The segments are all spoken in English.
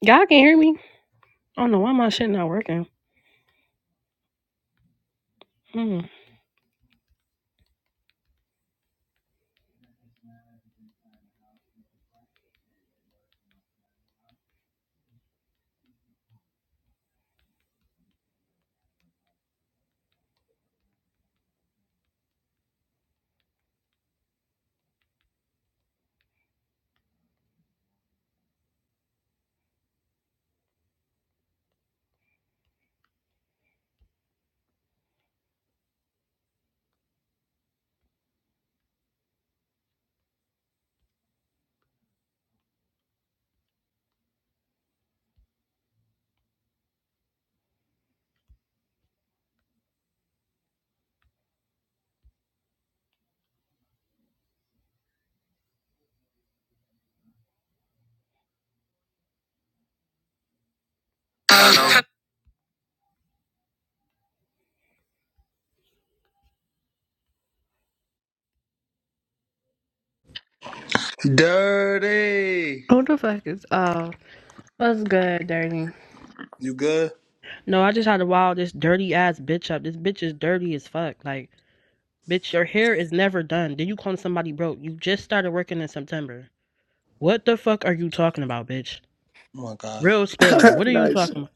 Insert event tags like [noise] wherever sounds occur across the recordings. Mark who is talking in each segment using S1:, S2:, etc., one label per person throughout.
S1: Y'all can hear me? I don't know why my shit not working. Hmm.
S2: Dirty.
S1: Who the fuck is uh what's good, dirty?
S2: You good?
S1: No, I just had to wow this dirty ass bitch up. This bitch is dirty as fuck. Like, bitch, your hair is never done. Then you calling somebody broke. You just started working in September. What the fuck are you talking about, bitch?
S2: Oh my god.
S1: Real spill.
S3: [laughs]
S1: What are you
S3: nice.
S1: talking about?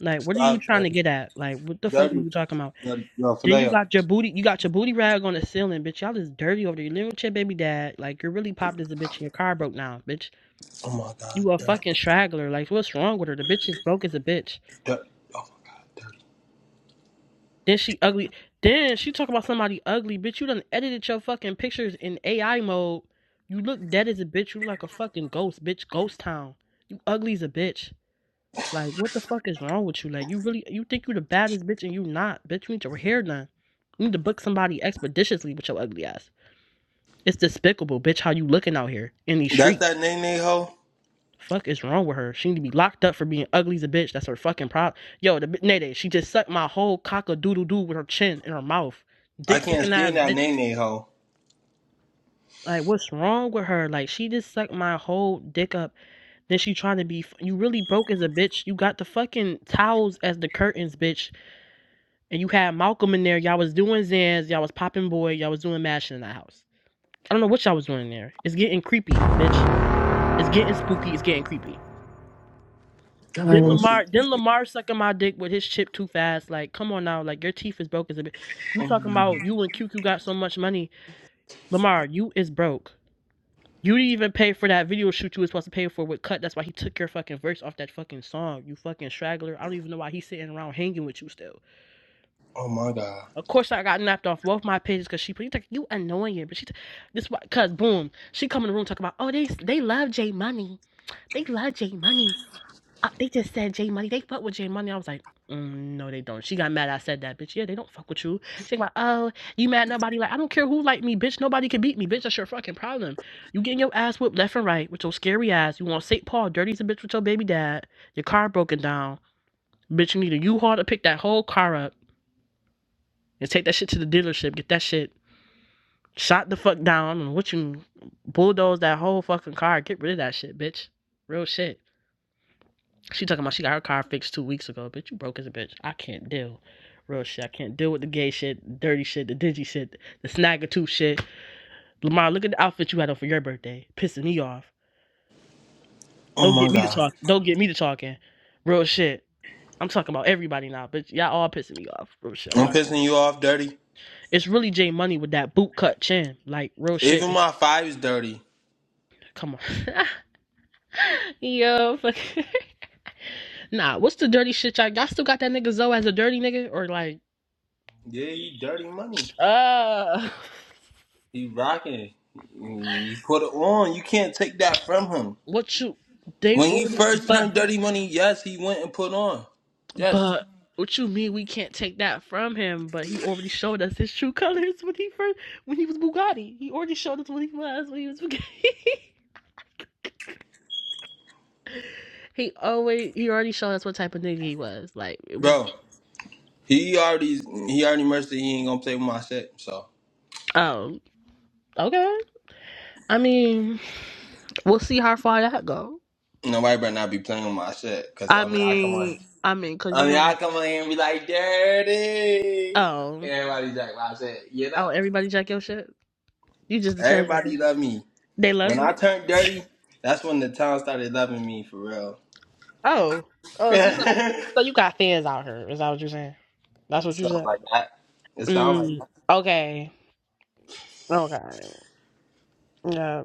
S1: Like, what are you
S2: Stop,
S1: trying to
S2: dirty.
S1: get at? Like, what the fuck are
S2: Dirty.
S1: you talking about?
S2: dirty. Yo,
S1: Then you
S2: Fineo.
S1: got your booty, you got your booty rag on the ceiling, bitch. Y'all is dirty over there. You live with your baby dad. Like, you're really popped as a bitch, and your car broke now, bitch.
S2: Oh my god.
S1: You a
S2: Dirty.
S1: fucking straggler. Like, what's wrong with her? The bitch is broke as a bitch.
S2: dirty. Oh my god. Dirty.
S1: Then she ugly. Then she talk about somebody ugly, bitch. You done edited your fucking pictures in AI mode. You look dead as a bitch. You look like a fucking ghost, bitch. Ghost town. You ugly as a bitch. Like, what the fuck is wrong with you? Like, you really, you think you the baddest bitch and you not, bitch. You need your hair done. You need to book somebody expeditiously with your ugly ass. It's despicable, bitch. How you looking out here in these streets?
S2: That's that nay nay hoe?
S1: Fuck is wrong with her? She need to be locked up for being ugly as a bitch. That's her fucking problem. Yo, the bi- Nene, she just sucked my whole cock a doodle doo with her chin in her mouth.
S2: I
S1: Dick
S2: can't
S1: sucking ass
S2: stand that
S1: bitch.
S2: nay nay hoe.
S1: Like, what's wrong with her? Like, she just sucked my whole dick up. Then she trying to be. You really broke as a bitch. You got the fucking towels as the curtains, bitch. And you had Malcolm in there. Y'all was doing Zans. Y'all was popping boy. Y'all was doing mashing in that house. I don't know what y'all was doing there. It's getting creepy, bitch. It's
S2: Oh
S1: getting
S2: my god.
S1: spooky. It's getting creepy. Then
S2: Go
S4: Um,
S2: sweet.
S1: Lamar, then Lamar sucking my dick with his chip too fast. Like, come on now, like your teeth is broke as a bit. You talking
S2: Mm.
S1: about you and Q. Q. got so much money, Lamar? You is broke. You didn't even pay for that video shoot you was supposed to pay for with Cut. That's why he took your fucking verse off that fucking song. You fucking straggler. I don't even know why he's sitting around hanging with you still.
S2: Oh my god.
S1: Of course, I got napped off both my pages because she put you like you annoying, but she t- this why cause boom she come in the room talking about oh they they love J Money they love J Money Uh, they just said J Money. They fuck with J Money. I was like, mm, no, they don't. She got mad. I said that, bitch. Yeah, they don't fuck with you. She like, oh, you mad? Nobody like. I don't care who like me, bitch. Nobody can beat me, bitch. That's your fucking problem. You getting your ass whipped left and right with your scary ass. You want St. Paul dirty as a bitch with your baby dad. Your car broken down, bitch. You need a U-Haul to pick that whole car up and take that shit to the dealership. Get that shit shot the fuck down and what you bulldoze that whole fucking car. Get rid of that shit, bitch. Real shit. She talking about she got her car fixed two weeks ago. Bitch, you broke as a bitch. I can't deal. Real shit. I can't deal with the gay shit, dirty shit, the dingy shit, the snaggletooth shit. Lamar, look at the outfit you had on for your birthday. Pissing me off.
S2: Oh
S1: Don't get
S2: my
S1: me to
S2: god.
S1: talk. Don't get me to talking. Real shit. I'm talking about everybody now, bitch. Y'all all pissing me off. Real shit. I'm
S2: I'm
S1: not.
S2: pissing you off, dirty.
S1: It's really J Money with that boot cut chin. Like real shit.
S2: Even
S1: It's-
S2: my five is dirty.
S1: come on. [laughs] Yo, fuck. [laughs] nah. What's the dirty shit y'all? Y'all still got that nigga Zoe as a dirty nigga or like?
S2: Yeah, he dirty money.
S1: Oh. [laughs]
S2: He rocking. He put it on. You can't take that from him.
S1: What you they
S2: When he
S1: already
S2: first
S1: but
S2: turned Dirty Money, yes, he went and put on. Yes,
S1: but what you mean we can't take that from him? But he already showed us his true colors when he first when he was Bugatti. He already showed us what he was when he was Bugatti. [laughs] he always he already showed us what type of nigga he was. Like it was
S2: bro. He already he already merged that he ain't gonna play with my shit. So
S1: um okay. I mean we'll see how far that go.
S2: nobody better not be playing with my shit, cause
S1: I
S2: only I come on.
S1: mean I mean cause you
S2: Only
S1: know
S2: I
S1: that
S2: come on here and be like dirty.
S1: oh
S2: Everybody's like my shit, you
S1: oh
S2: know.
S1: everybody jack your shit. You just the transgender.
S2: Everybody love me.
S1: They love
S2: When I
S1: you.
S2: turned
S1: [laughs]
S2: dirty, that's when the town started loving me for real.
S1: Oh. Oh, so you got so you got fans out here. Is that what you're saying? That's
S2: [laughs]
S1: what you
S2: Something
S1: said.
S2: like that. It sounds like
S1: Mm.
S2: that.
S1: Okay. Okay. Yeah.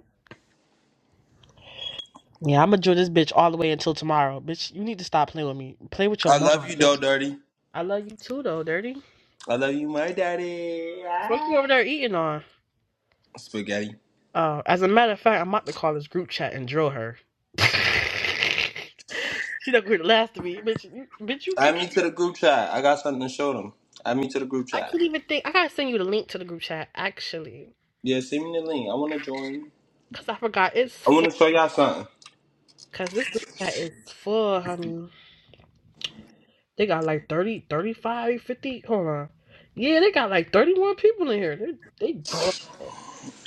S1: Yeah, I'm gonna drill this bitch all the way until tomorrow. Bitch, you need to stop playing with me. Play with your
S2: I love
S1: mom,
S2: you though,
S1: bitch.
S2: dirty.
S1: I love you too though, dirty.
S2: I love you, my daddy.
S1: What you
S2: Ah.
S1: over there eating on?
S2: Spaghetti.
S1: Uh, as a matter of fact, I'm about to call this group chat and drill her. [laughs] she not gonna last to me. Bitch you, bitch you
S2: Add
S1: kick
S2: me to the group chat. I got something to show them. Add me to the group
S1: I
S2: chat.
S1: can't even think I gotta send you the link to the group chat actually.
S2: Yeah, send me the link. I want to join.
S1: Cause I forgot
S2: I
S1: it's
S2: want to show y'all something.
S1: Cause this group chat is full, honey. They got like 30, 35, 50. Hold on. Yeah, they got like 31 people in here. They they don't.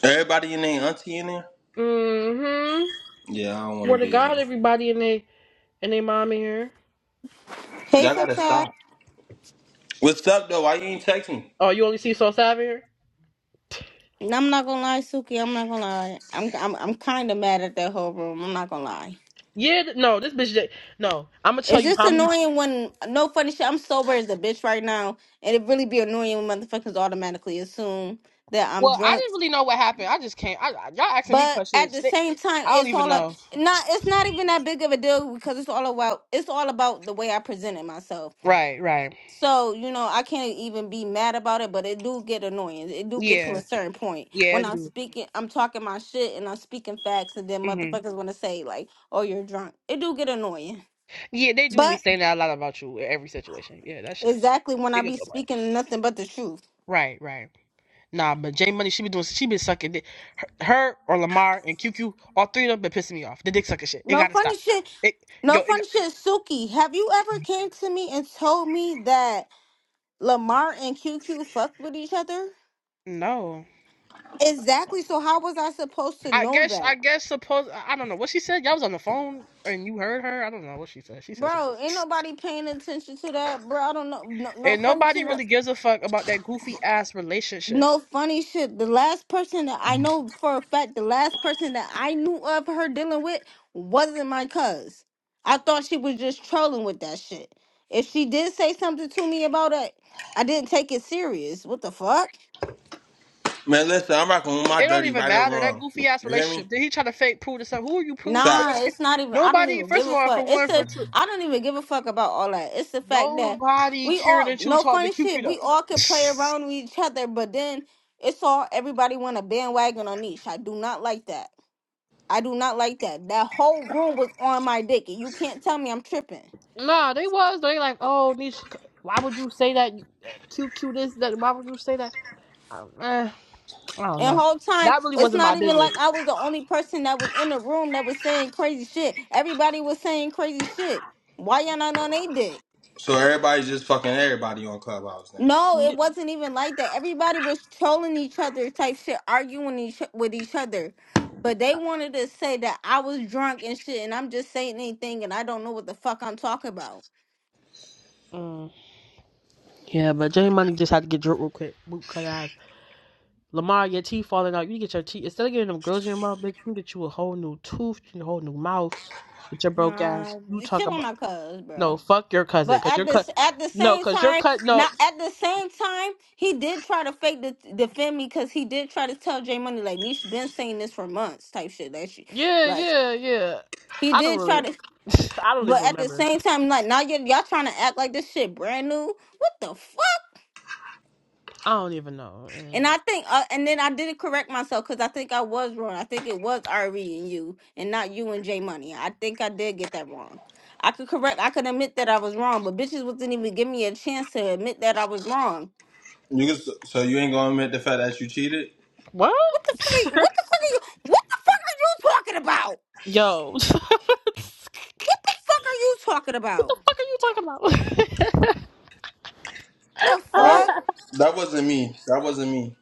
S2: Everybody in there, auntie in there?
S1: Mm-hmm.
S2: Yeah, I don't want
S1: Swear
S2: to
S1: to
S2: be in
S1: God,
S2: there.
S1: everybody in they and they mom in here.
S5: Hey,
S2: Y'all
S5: so
S2: gotta
S5: shy.
S2: stop. What's up though? Why you ain't text me?
S1: Oh, you only see Soul Sav in here?
S5: And I'm not gonna lie, Suki. I'm not gonna lie. I'm I'm I'm kind of mad at that whole room. I'm not gonna lie.
S1: Yeah, th- no, this bitch. that- No, I'm gonna tell
S5: It's
S1: you
S5: just
S1: how many.
S5: annoying when no funny shit. I'm sober as a bitch right now, and it really be annoying when motherfuckers automatically assume that I'm
S1: Well, I
S5: drunk.
S1: didn't really know what happened. I just can't. I, I- y'all asking me
S5: But at
S1: questions.
S5: the
S1: They,
S5: same time,
S1: I don't
S5: it's
S1: even
S5: all a,
S1: know.
S5: not. It's not even that big of a deal because it's all about. It's all about the way I presented myself.
S1: Right, right.
S5: So, you know, I can't even be mad about it, but it do get annoying. It do get to a
S1: Yeah,
S5: certain point.
S1: yeah, I
S5: When I'm
S1: do.
S5: speaking, I'm talking my shit and I'm speaking facts, and then
S1: Mm-hmm.
S5: motherfuckers want to say, like, oh, you're drunk. It do get annoying.
S1: Yeah, they do be
S5: But
S1: saying that a lot about you in every situation. Yeah, that shit.
S5: exactly when
S1: They
S5: I
S1: get
S5: be
S1: so
S5: speaking nothing but the truth.
S1: Right, right. Nah, but J Money, she be doing, she been sucking dick. Her, her or Lamar and Q Q, all three of them been pissing me off. The dick sucking shit. It
S5: No
S1: gotta stop.
S5: funny shit.
S1: It go.
S5: No
S1: It got-
S5: funny shit. Suki, have you ever came to me and told me that Lamar and Q Q fucked with each other?
S1: no.
S5: Exactly. So how was I supposed to
S1: I
S5: know
S1: guess,
S5: that?
S1: I guess, suppose I I don't know what she said. Y'all was on the phone and you heard her. I don't know what she said. She said something.
S5: Bro, ain't nobody paying attention to that, bro. I don't know. No, no
S1: And
S5: funny
S1: nobody
S5: shit.
S1: really gives a fuck about that goofy ass relationship.
S5: No funny shit. The last person that I know for a fact, the last person that I knew of her dealing with wasn't my cuz. I thought she was just trolling with that shit. If she did say something to me about it, I didn't take it serious. What the fuck?
S2: Man, listen, I'm rocking with my
S1: It don't
S2: dirty,
S1: even
S2: right or
S1: matter that
S2: wrong.
S1: goofy ass
S2: You hear me?
S1: relationship. Did he try to fake prove to some? Who are you proving to? Nobody
S2: Facts.
S5: Nah,
S1: can.
S5: it's not even. I don't
S1: Nobody.
S5: even
S1: First
S5: give
S1: of
S5: a
S1: all, for
S5: fuck. It's
S1: one, for
S5: the
S1: two,
S5: I don't even give a fuck about all that. It's the fact that
S1: nobody
S5: we
S1: cared
S5: all
S1: that you
S5: no
S1: talked to
S5: funny
S1: Q
S5: shit.
S1: Q
S5: We all could play
S1: though. [laughs]
S5: around with each other, but then it's all everybody want a bandwagon on each. I do not like that. I do not like that. That whole room was on my dick, and you can't tell me I'm tripping.
S1: Nah, they was. They like, oh, Nish, why would you say that? uh, Cute, cute this, that. Why would you say that? Um, eh, I don't
S5: And
S1: know.
S5: whole time,
S1: That really
S5: it's
S1: wasn't my
S5: not even
S1: business.
S5: like I was the only person that was in the room that was saying crazy shit. Everybody was saying crazy shit. Why y'all not on they dick?
S2: So everybody's just fucking everybody on Clubhouse now.
S5: No, it
S1: Ye-
S5: wasn't even like that. Everybody was trolling each other, type shit, arguing each with each other. But they wanted to say that I was drunk and shit, and I'm just saying anything, and I don't know what the fuck I'm talking about.
S1: Mm. Yeah, but Jay Money just had to get drunk real quick. Boot cut ass. Lamar, your teeth falling out. You need to get your teeth. Instead of getting them girls in your mouth, bitch, you can get you a whole new tooth, you need a whole new mouth with your broke ass.
S5: Nah,
S1: You talk
S5: shit on
S1: about.
S5: my cuz, bruh.
S1: No, fuck your cousin.
S5: But
S1: Because
S5: at
S1: your
S5: this,
S1: cut.
S5: at the
S1: No,
S5: same
S1: because your
S5: time,
S1: cut. No.
S5: not at the same time, he did try to fake the, defend me because he did try to tell Jay Money like Nisha been saying this for months, type shit. That shit,
S1: Yeah,
S5: like
S1: yeah, yeah.
S5: he
S1: I don't
S5: did
S1: really.
S5: try to.
S1: [laughs] I don't even
S5: But at the
S1: remember.
S5: same time, like now y'all, y'all trying to act like this shit brand new. What the fuck?
S1: I don't even know. And like,
S5: And I think, uh, and then I didn't correct myself because I think I was wrong. I think it was RE and you, and not you and J Money. I think I did get that wrong. I could correct. I could admit that I was wrong, but bitches wasn't even give me a chance to admit that I was wrong.
S2: You can, so you ain't gonna admit the fact that you cheated?
S1: What?
S5: What the fuck? Are you, what
S1: [laughs]
S5: the fuck are you? What the fuck are you talking about?
S1: Yo, [laughs] what
S5: What the fuck are you talking about?
S1: the fuck are you talking about? [laughs]
S5: The
S2: Oh,
S5: fuck?
S2: that wasn't me. That wasn't me.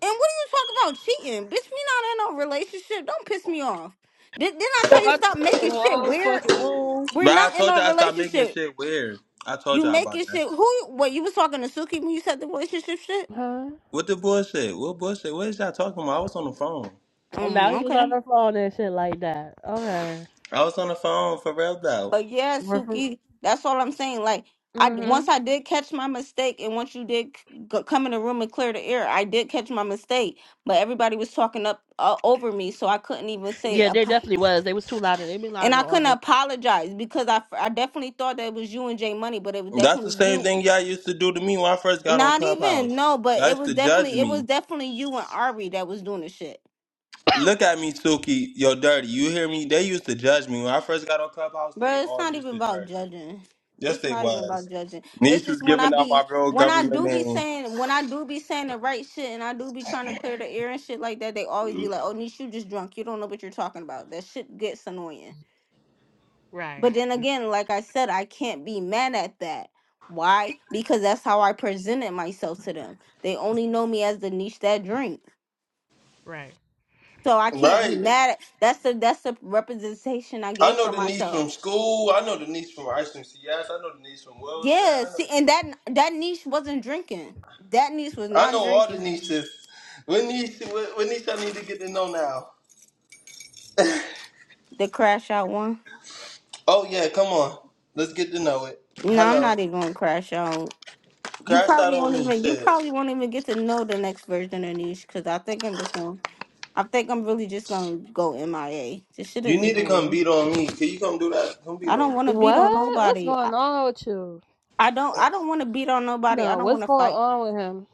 S5: And what do you talk about cheating? Bitch, we not in no relationship. Don't piss me off. Did, didn't I
S1: Yo,
S5: tell you
S1: I just
S5: stop
S1: clicked the
S5: making shit
S1: wrong
S5: weird?
S1: fucking room.
S5: We're
S2: But I
S5: not in
S2: told
S5: a
S2: y'all I stopped making
S5: relationship.
S2: shit weird. I told
S5: You
S2: y'all about
S5: making
S2: that.
S5: shit. Who? What, you was talking to Suki when you said the relationship shit?
S1: Huh?
S2: What the bullshit? What bullshit? What is y'all talking about? I was on the phone.
S1: Oh, Now
S5: Mm,
S1: he was
S5: okay.
S1: on her phone and shit like that. Okay.
S2: I was on the phone for real though.
S5: But yeah, Suki, that's all I'm saying. Like, I
S1: Mm-hmm.
S5: once I did catch my mistake, and once you did c- go- come in the room and clear the air, I did catch my mistake. But everybody was talking up uh, over me, so I couldn't even say.
S1: Yeah,
S5: a.
S1: there definitely was. They was too loud they been
S5: And
S1: louder
S5: I
S1: all
S5: couldn't
S1: day.
S5: apologize because I, I definitely thought that it was you and Jay Money, but it was
S2: That's the
S5: definitely
S2: same
S5: you.
S2: thing y'all used to do to me when I first got on
S5: Not even
S2: Clubhouse.
S5: no, but
S2: Y'all
S5: it
S2: used
S5: was
S2: to judge
S5: definitely it was
S2: me.
S5: definitely you and Ari that was doing the shit,
S2: Look at me, Suki. Yo, dirty. You hear me? They used to judge me when I first got on Clubhouse. They
S5: bro. It's
S2: all
S5: not
S2: used
S5: even
S2: to
S5: about
S2: judge me.
S5: judging.
S2: Yes,
S5: It's
S2: they
S5: not even
S2: was.
S5: about judging. It's
S2: Niche
S5: just
S2: was
S5: when I
S2: giving out
S5: be
S2: my real
S5: when I
S2: government
S5: do be
S2: name.
S5: saying when I do be saying the right shit and I do be trying to clear the air and shit like that, they always be like, "Oh, Nish, you just drunk. You don't know what you're talking about." That shit gets annoying.
S1: Right.
S5: But then again, like I said, I can't be mad at that. Why? Because that's how I presented myself to them. They only know me as the niche that drink.
S1: Right.
S5: So I can't be
S2: Right.
S5: mad at that's the that's the representation I
S2: I
S5: gave
S2: know
S5: for
S2: the niece
S5: myself.
S2: from school. I know the niece from Ice from CS. I know the niece from Wilson.
S5: Yeah,
S2: I
S5: see
S2: know.
S5: and that that niche wasn't drinking. That niche was
S2: I know
S5: not
S2: all the
S5: drinking.
S2: nieces. What niece? What, what niece I need to get to know now?
S5: The crash out one.
S2: Oh yeah, come on. Let's get to know it.
S5: No, I'm
S2: Hello.
S5: not even gonna crash out. You
S2: Crash out
S5: probably
S2: on
S5: won't
S2: me.
S5: even you
S2: Said
S5: probably won't even get to know the next version of niche because I think I'm just gonna I think I'm really just gonna go MIA. This shit
S2: you
S5: is
S2: need to come
S5: annoying.
S2: beat on me. Can you come do that? Come beat
S5: I
S2: on
S5: don't
S2: me.
S5: want to beat on
S1: What? What's
S5: nobody. I,
S1: going on with you?
S5: I don't. I don't want to beat on nobody. I
S1: No,
S5: don't
S1: what's
S5: want to
S1: going
S5: fight.
S1: on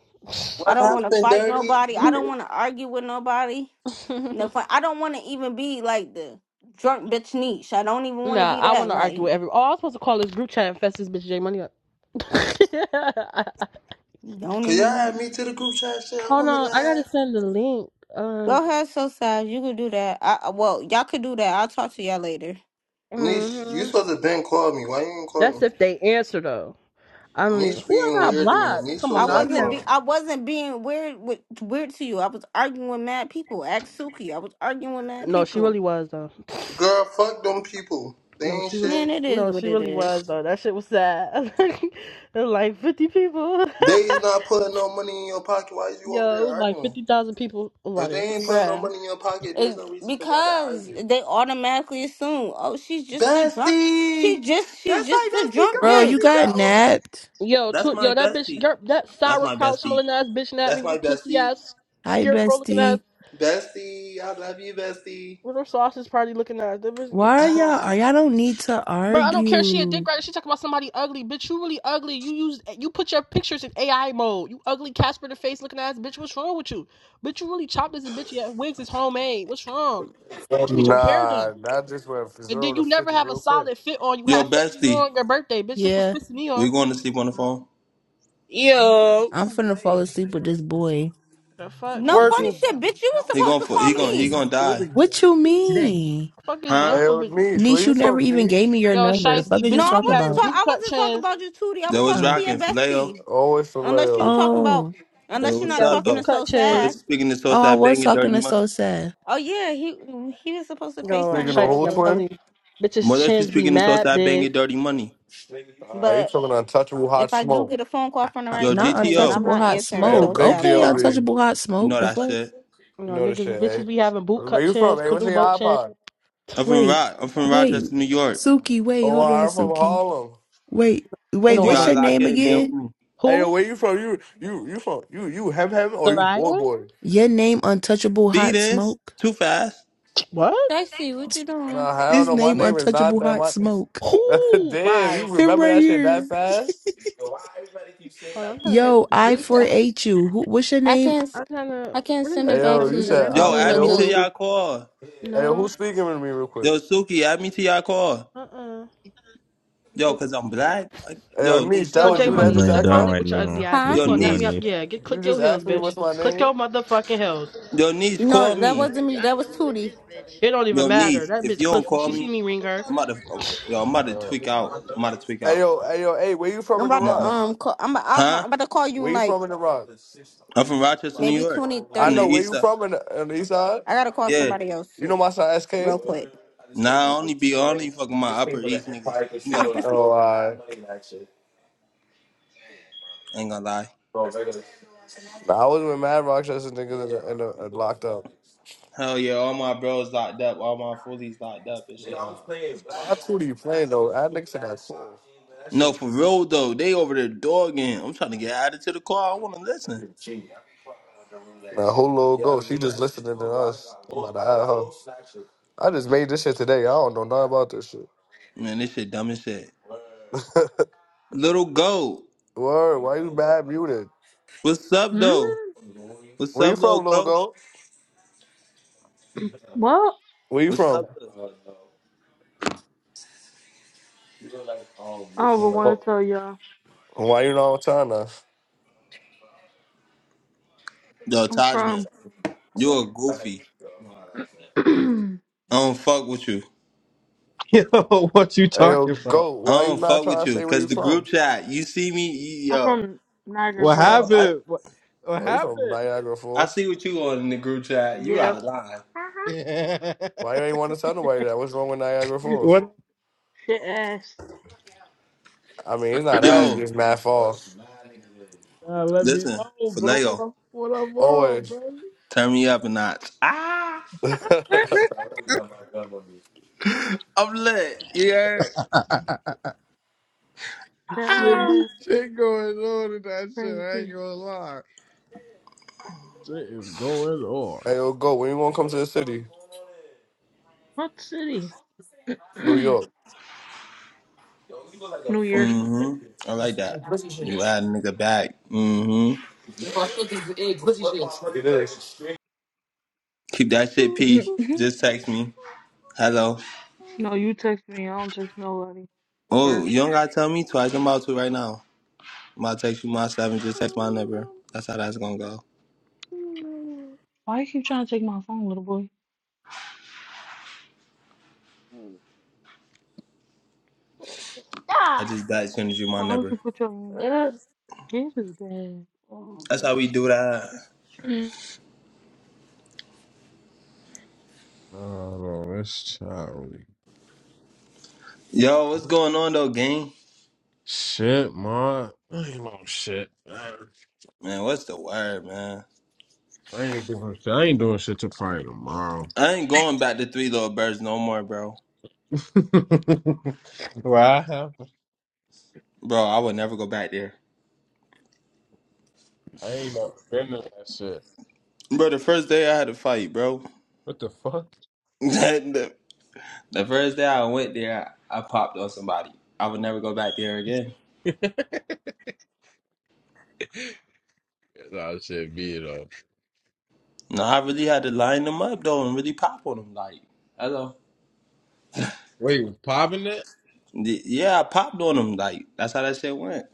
S5: I
S2: What
S1: with
S5: don't want to
S2: happened,
S5: fight
S2: Dirty?
S5: nobody. I
S2: You
S5: don't
S2: here?
S5: want to argue with nobody.
S1: him? [laughs]
S5: No, fun. I don't want to even be like the drunk bitch niche. I don't even want to
S1: Nah,
S5: be
S1: I want
S5: that.
S1: to
S5: Like,
S1: argue with everyone. Oh, I was supposed to call this group chat and fess this bitch J Money up. [laughs]
S5: don't
S2: Cause y'all
S5: even want
S2: had
S5: to.
S2: me to the group chat. Shit, I
S1: Hold
S2: wanna
S1: on, I gotta
S2: laugh.
S1: send the link. Um,
S5: Go ahead, so sad. You could do that. I I- well, y'all could do that. I'll talk to y'all later.
S2: Niece, you
S1: mhm.
S2: supposed to been call me. Why you ain't not call
S1: that's if
S2: me?
S1: they answer though. I don't even.
S2: Niece
S1: Who I
S2: being
S1: got
S2: weird to me.
S1: blocked?
S2: Niece
S1: Come on,
S5: I
S2: supposed to
S1: now, I
S2: have
S1: be
S5: wasn't
S1: have.
S2: called me.
S5: be I wasn't being weird with weird to you. I was arguing with mad people. Ask Suki. I was arguing with mad
S1: No, she
S5: people.
S1: really was though. [sighs] [sniffs]
S2: Girl, fuck them people. They
S1: No,
S2: ain't
S1: she was.
S5: Man,
S2: shit.
S5: it is
S1: No,
S5: what
S1: she
S5: it
S1: really was
S5: is,
S1: though. That shit was sad. [laughs] it was like fifty people. [laughs]
S2: They is not putting no money in your pocket. Why is you over
S1: Yo, it
S2: there
S1: was like
S2: arguing?
S1: fifty thousand people. About
S2: If they ain't
S1: it.
S2: putting no
S5: bruh.
S2: money in your pocket, there's
S5: It,
S2: no reason for y'all to
S5: because
S2: argue.
S5: they automatically assume, oh, she's just a drunk. She
S2: Bestie!
S5: just, she's
S2: That's my
S5: just a
S2: bestie. Go,
S5: drunk
S6: Bro, you
S2: bestie,
S5: bitch.
S6: got
S2: go!
S6: napped.
S1: Yo,
S2: That's
S1: tw-
S2: my
S1: yo, that bitch,
S2: bestie.
S1: yer- that
S2: That's my
S1: sauerkraut
S2: bestie.
S1: smelling ass bitch at me
S2: That's
S1: with her
S2: my
S1: pussy
S2: bestie.
S1: ass
S6: Hi,
S1: scarecrow looking ass,
S6: bestie.
S2: Bestie, I love you, bestie.
S1: with her sausage party looking ass. That bitch,
S6: Why are y'all?
S2: Ah.
S6: Are y'all don't need to
S1: bro, I don't care. She a dick
S6: argue?
S1: rider. She talking about somebody ugly, bitch. You really ugly. You use, you put your pictures in AI mode. You ugly Casper the face looking ass bitch. What's wrong with you? Bitch, you really chopped as a bitch. Your wigs is homemade. What's wrong? Bitch, you need your hair
S7: Nah,
S1: done.
S7: that just went from
S1: And then
S7: zero to
S1: you never
S7: fifty
S1: have a
S7: real quick.
S1: solid fit on. You
S2: Yo,
S1: have fake
S2: bestie,
S1: on your birthday, bitch. That's what's
S6: Yeah,
S1: pissing me
S2: we
S1: off.
S2: going to sleep on the phone?
S8: Yo.
S6: I'm finna fall asleep with this boy.
S1: The fuck,
S5: No
S1: bitch.
S8: Word.
S5: funny
S1: Is,
S5: shit, bitch. You
S8: Now
S5: was
S8: let's
S2: He
S5: supposed
S8: talk
S2: going
S5: to
S2: for
S8: about
S5: call
S2: he
S8: how you
S2: going
S8: can
S2: he
S5: me.
S8: start
S2: going to die,
S8: building
S6: What
S8: for it
S6: you
S8: today.
S6: mean,
S1: fuck is wrong
S2: huh?
S7: Hey,
S1: with
S7: yo,
S1: bitches?
S7: Niche, where
S6: niece?
S7: you
S6: You never
S7: from,
S6: even gave
S7: Niche?
S6: me your
S1: Yo,
S6: number. Fuck
S1: Shiesty,
S6: did you
S5: No,
S1: bitches
S5: I
S1: be
S6: talk
S5: wasn't
S1: having
S6: about?
S5: talking.
S1: boot
S5: I
S1: cut
S5: wasn't talking
S1: chins.
S5: about you, Tootie. I
S2: Yo,
S5: was
S2: what's
S5: talking
S6: Oh,
S5: to your
S2: rocking, Phileo?
S5: bestie.
S7: Always from
S5: Unless you
S7: Leo.
S5: talking about,
S6: oh,
S2: Yo,
S5: unless
S1: Bitches
S5: you're
S1: be
S2: what's
S5: not
S1: having
S2: up
S5: talking
S1: boot
S5: to
S2: though?
S5: so
S1: cut
S2: Mother
S5: sad.
S1: chins.
S2: speaking to
S6: oh! I
S2: Southside
S6: was
S2: banging dirty
S6: talking to
S2: money.
S6: so sad.
S5: Oh yeah, he he was supposed to
S1: Yo,
S5: Facetime
S7: Speaking
S5: me
S7: of
S5: for a
S1: Shiesty,
S7: who,
S1: I'm
S5: little
S7: twin?
S1: telling
S5: bit.
S1: you. Bitches'
S2: Mother she
S1: chins be
S2: speaking to
S1: mad
S2: Southside
S1: big.
S2: banging dirty money.
S7: Uh, you
S5: But
S7: talking untouchable
S5: if
S7: hot
S5: I do
S7: smoke.
S5: get a phone call from the
S6: Uh,
S5: right
S2: Yo,
S6: Not
S5: person, then I'm
S2: GTO,
S6: untouchable
S5: not
S6: hot
S5: answering
S7: Hey, yo,
S5: so
S6: smoke.
S7: big
S5: sad
S6: Okay,
S7: GOB.
S5: call.
S7: You
S6: untouchable hot
S2: you know
S6: smoke. The
S2: that
S6: fuck?
S2: shit.
S1: You know,
S7: know the
S1: niggas,
S7: shit, hey?
S1: bitches be having boot
S7: Where
S1: cut
S7: you from,
S1: chins,
S7: hey? What's
S1: canoe
S7: your
S1: boat chins.
S7: iPod?
S2: I'm from
S6: Wait,
S2: Rock. I'm from
S6: wait,
S2: Rochester, New York.
S6: Suki. Wait,
S7: Oh,
S6: hold on,
S7: I'm from
S6: Suki.
S7: Harlem.
S6: Wait,
S1: And
S6: wait.
S1: no,
S2: You
S1: hold
S6: What's
S1: on.
S2: gotta
S6: your
S2: lock
S6: name
S2: in, get with
S6: again?
S2: me.
S7: Hey, yo,
S1: Who?
S7: where you from? You, you, you from? You, you hem hem or you boy
S1: Soraya?
S7: boy?
S6: Your name, untouchable hot
S2: Speeding
S6: smoke.
S2: too fast.
S1: What?
S5: Stacy, what you doing?
S7: Nah, I don't
S6: His
S7: know. My
S6: name
S7: name is not
S6: Untouchable
S7: that.
S6: Hot
S7: My
S6: Smoke.
S7: [laughs]
S1: Who?
S7: damn, you
S1: Bye.
S6: [laughs] Him
S7: remember
S6: right
S7: that shit that
S6: here.
S7: fast?
S1: Hold on, I'm trying to read
S6: Yo,
S1: this
S6: I
S1: group
S6: for
S1: chat.
S6: H you. Who what's your
S5: I
S6: name?
S5: can't. s-
S1: I'm trying to.
S5: I can't
S1: What is
S5: send
S7: Hey,
S5: it
S1: this bitch
S5: back
S7: yo,
S5: to
S7: you
S1: number?
S5: you
S1: I
S7: said,
S1: don't know
S5: because
S2: Yo,
S7: I,
S5: you're
S1: what's
S5: in
S7: wait,
S2: add
S5: a
S1: going
S2: me
S1: on.
S2: to
S7: who's
S5: goo.
S7: speaking?
S2: y'all call.
S7: Hey,
S1: No.
S7: who's speaking to me real quick?
S2: Yo, Suki, add me to y'all call.
S1: Uh uh
S2: Yo, cause I'm black. I-
S7: Hey, yo,
S2: Yo,
S7: Niche,
S2: niece,
S7: that
S1: Yo,
S2: call
S7: was
S1: J
S7: you
S2: me.
S9: I'm
S7: that
S1: Money,
S7: just
S9: laying
S1: suck
S7: asked
S1: my
S9: down
S7: that?
S1: dick
S9: right
S1: with your ugly
S9: now.
S1: ass, bitch.
S5: Huh?
S9: What
S1: You
S2: Yo,
S9: you
S1: gonna knock
S9: doing,
S1: me up?
S2: niece.
S9: there?
S1: Yeah, get
S7: You
S1: click your
S7: just
S1: heels,
S7: asked me
S1: bitch.
S7: what's my
S1: Click
S7: name?
S1: your motherfucking heels.
S2: Yo, niece, call
S5: No, that
S2: me.
S5: wasn't me. That was Tootie.
S1: It don't even
S2: Yo,
S1: matter.
S2: niece.
S1: That
S2: If
S1: bitch
S2: you don't
S1: pussy.
S2: call
S1: She
S2: me,
S1: see me ring her. [laughs]
S2: I'm about to. um, Yo, I'm about to tweak out. I'm about to tweak
S7: Hey,
S2: out.
S7: yo, hey, yo, hey, where you from
S5: I'm
S7: in
S5: about
S2: I'm on
S5: to
S7: Iraq?
S2: money.
S5: um. Call, I'm, about, I'm
S2: Huh?
S5: about to call you
S7: Where
S5: in
S7: you
S5: like
S7: from in Iraq?
S2: I'm from Rochester, New
S5: maybe
S2: York.
S5: 20,
S2: I'm
S7: I
S2: from
S5: 30
S2: the
S7: know, where
S2: East
S7: you
S5: minutes.
S2: Side.
S7: from in the, the east side?
S5: I gotta call
S2: Yeah.
S5: somebody else
S7: You know
S5: too,
S7: my son, SK?
S5: real
S7: Oh,
S5: quick.
S2: Nah, I only be I only fucking my Upper East niggas. You
S5: [laughs]
S2: know the
S5: I really.
S2: vibes.
S7: I.
S2: I ain't gonna lie.
S7: Nah, I was with Mad Rochester niggas and the, in the, in locked up.
S2: Hell yeah, all my bros locked up, all my fullies locked up and shit.
S7: Why two do you playing though? That nigga said that's
S2: No,
S7: cool.
S2: for real though, they over there dogging. I'm trying to get added to the car. I want to listen.
S7: Now who little go? She just listening to us. I'm about to add her. I just made this shit today. I don't know nothing about this shit.
S2: Man, this shit dumb as shit.
S7: [laughs]
S2: Little Goat,
S7: Word, why you mad muted?
S2: what's up
S10: Hmm?
S2: though? What's
S7: Where you
S2: up, Little
S7: from, little
S2: Goat?
S7: go?
S10: Well,
S7: Where you
S2: What's
S7: from?
S2: up, little?
S10: I would want to tell y'all.
S7: Why you not trying to?
S2: Yo,
S10: I'm
S2: Tajman,
S10: from
S2: you a goofy. I don't fuck with you.
S11: [laughs] Yo, what you
S7: Hey, yo,
S11: talking about?
S7: go.
S2: I
S7: Why you
S2: don't
S7: not
S2: fuck
S7: trying
S2: with
S7: to
S2: you.
S7: say where you
S2: Cause the
S7: from?
S2: group chat, you see me,
S10: [clears throat]
S2: you,
S10: I'm
S2: yo,
S10: from Niagara
S11: What
S2: yo,
S10: Falls.
S2: I
S11: happened? What, what
S7: Oh, you from
S11: happened?
S7: Niagara
S2: I
S7: Falls.
S2: see what you on in the group chat. You out
S10: Yep.
S2: of line.
S10: Uh-huh.
S11: Yeah.
S7: Why you ain't want to tell nobody that? What's wrong with Niagara
S11: [laughs]
S7: Falls?
S11: what?
S10: Shit ass.
S7: I mean, it's
S10: [clears throat]
S7: not that. It's
S10: that
S2: Yo,
S7: just mad fall.
S11: Uh, let me
S2: listen,
S11: know, bro. What
S2: Faleo,
S11: I'm, what I'm on,
S7: Always.
S11: bro.
S2: turn me up a notch.
S7: [laughs] hey,
S2: I'm lit. You heard?
S11: [laughs] shit,
S10: was
S11: shit going on in that shit. I ain't
S10: crazy.
S11: gonna lie. Shit is going on.
S7: yo, go. When you want to come to the city?
S10: What city? [clears throat]
S7: New
S10: New
S7: York.
S10: Year's.
S2: Mm-hmm. I like that. You add a nigga back. Mm-hmm. Keep that
S10: [laughs]
S2: shit
S10: no,
S2: P. Just text me. Hello.
S10: you text me. I don't text nobody
S2: Oh,
S10: first.
S2: you don't gotta tell me twice. I'm about to right now. I'm about to text you my stuff and Just text my number. That's how that's gonna go.
S10: Why you keep trying to take my phone, little boy? Why
S2: I just died as soon as you my
S10: would you
S2: number.
S10: put your hand? Get his bag.
S2: That's how we do that.
S10: [clears throat]
S11: No, no, that's childish.
S2: Yo, what's going on though, gang?
S11: Shit, ma. I ain't no shit. I
S2: Man, what's the word, man?
S11: ain't doing shit. I ain't doing shit till probably tomorrow.
S2: I ain't going back to Three Little Birds no more, bro.
S11: [laughs] Why?
S2: Bro, I would never go back there.
S11: I ain't no been to that shit.
S2: Bro, the first day I had a fight, bro.
S11: What the fuck?
S2: [laughs] That. The first day I went there, I popped on somebody. I would never go back there again.
S11: Nah, That shit be it up."
S2: No, I really had to line them up though and really pop on them. Like, hello.
S11: Wait, popping it?
S2: Y- Yeah, I popped on them. Like, that's how that shit went.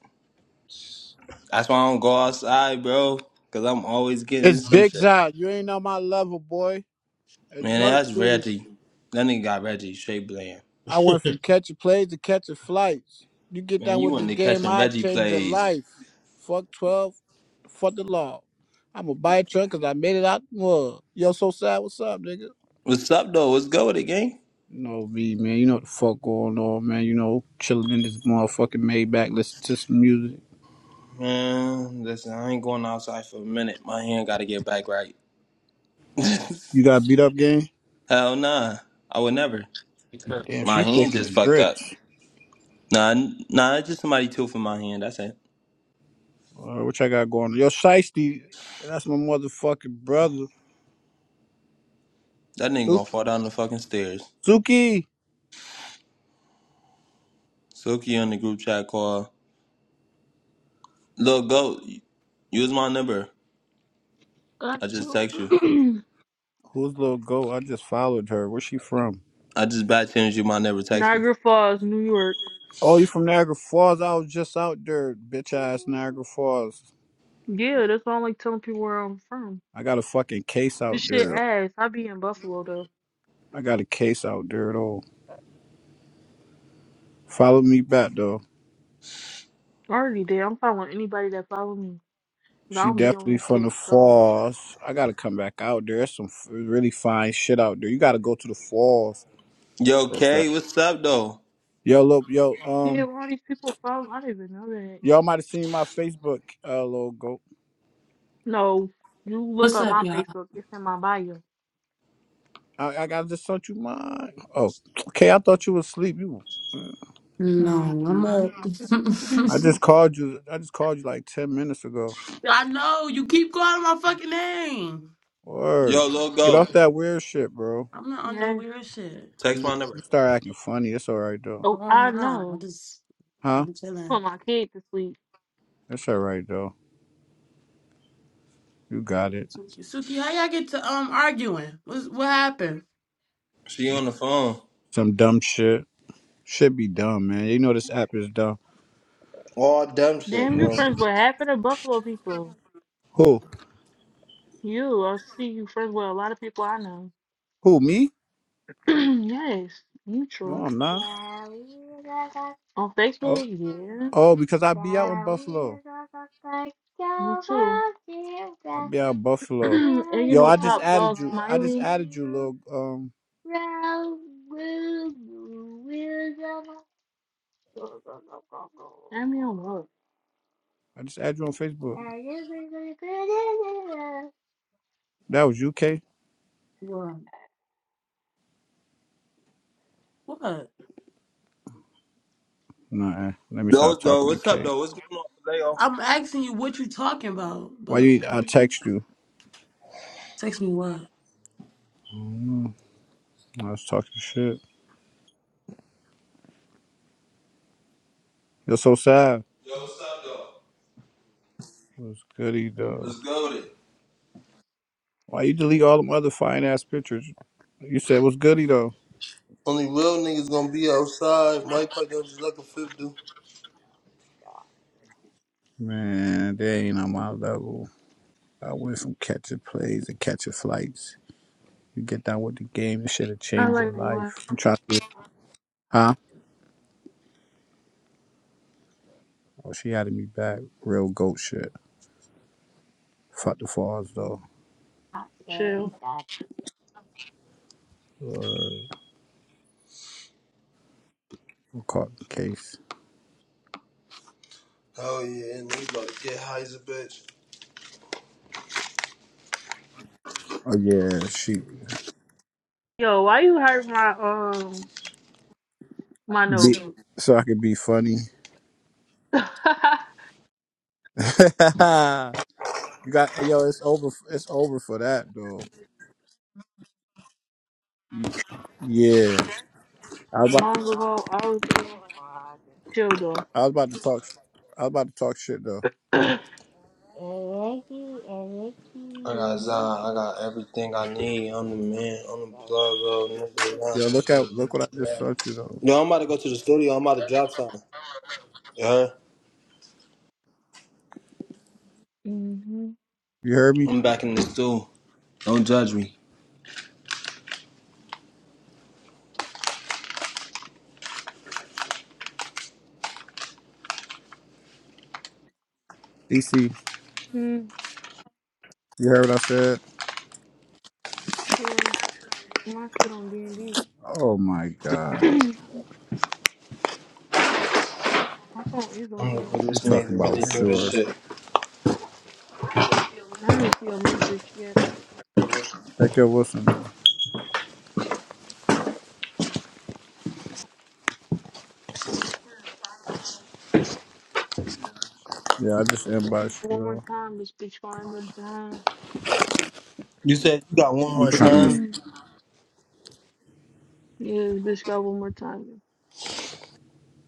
S2: That's why I don't go outside, bro, because I'm always getting
S12: It's
S2: some
S12: Big
S2: shit.
S12: Zod. You ain't on my level, boy. It's
S2: Man,
S12: Merc
S2: that's
S12: City.
S2: Reggie. That nigga got Reggie straight bland.
S12: I went from catching plays to catching flights. You get
S2: Man,
S12: down
S2: you
S12: with
S2: want
S12: this
S2: to
S12: game,
S2: catching
S12: I
S2: Reggie
S12: change your
S2: plays.
S12: life. Fuck 12, fuck the law. I'm a buy a truck cause I made it out the mud. Yo, so sad, what's up, nigga?
S2: What's up, though? What's good with it, gang?
S12: You know me, man. You know what the fuck going on, man. You know, chilling in this motherfucking Maybach, listen to some music.
S2: Man, listen, I ain't going outside for a minute. My hand got to get back right. [laughs]
S12: You got beat up, gang?
S2: Hell nah. I would never.
S11: Yeah. [laughs]
S12: Damn,
S2: My
S12: she
S2: hand
S12: thick
S2: just
S12: as
S2: fucked up.
S12: grits.
S2: Nah, n- nah, it's just somebody tilting my hand. That's it.
S12: Uh, what I got going on? Yo, Shiesty, that's my motherfucking brother.
S2: That nigga gonna fall down the fucking stairs.
S12: Suki,
S2: Silky on the group chat call. Look, go. Use my number.
S10: Got
S2: I just
S10: to
S2: text you.
S10: [clears throat]
S12: who's little goat? I just followed her. Where's she from?
S2: I just bad changed you my number. Text me.
S10: Niagara Falls, New York.
S12: Oh, you from Niagara Falls? I was just out there, bitch ass Niagara Falls.
S10: Yeah, that's why I don't like telling people where I'm from.
S12: I got a fucking case out
S10: This shit
S12: there.
S10: ass. I be in Buffalo though.
S12: I got a case out there though. Follow me back though.
S10: I already did. I'm following anybody that follow me. 'cause I
S12: She
S10: don't be on
S12: definitely
S10: this
S12: from
S10: shit.
S12: the
S10: So
S12: falls. I gotta come back out there. There's some f- really fine shit out there. You gotta go to the falls.
S2: Yo,
S12: So sad.
S2: Kay, what's up though?
S12: Yo, look, yo,
S10: yeah,
S12: um,
S10: why all these people follow? I didn't even know that.
S12: y'all might have seen my Facebook, uh, little goat.
S10: No, you look
S13: What's
S10: up
S13: up,
S10: my
S13: y'all?
S10: Facebook. It's in my bio.
S12: I, I got just sent you mine. Oh, okay. I thought you was asleep. You
S13: No, I'm up. [laughs]
S10: [clears throat]
S12: I just called you. I just called you like ten minutes ago.
S13: I know you keep calling my fucking name.
S2: Yo,
S12: Word.
S2: look,
S12: Get off
S2: go.
S12: that weird shit, bro.
S13: I'm not on no
S10: yes.
S13: weird shit.
S2: Text
S12: You,
S2: my
S12: you
S2: number.
S12: start acting funny. It's all right though.
S13: No,
S10: Oh,
S13: I'm
S10: I
S13: not. I
S10: know.
S13: just I've
S12: Huh?
S13: been chilling.
S10: Put my kid to sleep.
S12: It's all right though. You got it.
S13: Suki, Suki, how y'all get to um arguing? What's what happened?
S2: She on the phone.
S12: Some dumb shit. Should be dumb, man. You know this app is dumb.
S2: All dumb shit,
S10: Damn, you are
S2: bro.
S10: friends with half of the Buffalo people.
S12: Who?
S10: You, I see you friends with a lot of people I know.
S12: Who? Me?
S10: [clears throat] yes, neutral.
S12: No, I'm not.
S10: On
S12: Oh,
S10: Facebook, yeah.
S12: oh, because I be out in Buffalo.
S10: Me too.
S12: I be out in
S10: [clears throat]
S12: Buffalo.
S10: and you
S12: Yo,
S10: know,
S12: I just
S10: Top
S12: added
S10: Dog
S12: you. I just
S10: Smiley.
S12: added you, little. Um,
S10: I mean, what?
S12: I just added you on Facebook. That was you, K.
S13: What? What?
S12: Nah, eh. let me
S2: Yo,
S12: stop
S2: though,
S12: talking to
S2: what's up
S12: K.
S2: though? What's going on, Leo?
S13: I'm asking you what you talking about,
S12: Why
S13: but
S12: you? I
S13: what?
S12: text you.
S13: text me what?
S12: Mm, I was talking shit. You're so sad.
S2: Yo, what's up though?
S12: What's goody though?
S2: Let's go with it.
S12: Why you delete all them other fine ass pictures? You said what's goody though?
S2: Only real niggas gonna be outside. Mike Pike don't just like a fifth dude.
S12: Man, they ain't on my level. I went from catching plays and catching flights. You get down with the game, this shit'll
S10: I
S12: change your
S10: like one
S12: life. I'm trying to Huh? Oh, she added me back. Real goat shit. Fuck the falls though.
S10: chill.
S12: Or caught the case.
S2: Oh yeah, and he's about to get high as a bitch.
S12: Oh yeah, she
S10: Yo, why you hurt my um my
S12: be,
S10: note?
S12: so I could be funny.
S10: [laughs]
S12: [laughs] You got hey, yo, it's over. It's over for that though. Yeah, I was about,
S10: long ago, hours ago, chill though.
S12: I was about to talk. I was about to talk shit though.
S10: Electric, electric
S2: I got Zion.
S10: music.
S2: I got everything I need. I'm the man. I'm the plug, bro. Nigga,
S12: Yo,
S2: I'm...
S12: look at look what I just sent you though.
S2: Yo, I'm about to go to the studio. I'm about to drop something. You heard?
S10: Mm-hmm.
S12: You heard me,
S2: I'm back in the studio. Don't judge me.
S12: DC? You heard what I said?
S10: Sure. My shit on D and D.
S12: Oh my god,
S10: [clears throat] My phone is on
S2: I'm
S10: D
S2: the
S10: and D.
S12: you
S2: coolest
S12: talking
S2: nigga.
S12: about
S2: Really do this
S12: sure?
S2: shit.
S10: I didn't see a message yet.
S12: Heck yo, Wilson. Yeah, I just inboxed you.
S10: One more
S12: Yo.
S10: time, this bitch find them down.
S2: You said you got one
S12: I'm
S2: more
S12: trying
S2: time.
S12: to.
S10: [clears throat] yeah, this bitch got one more time.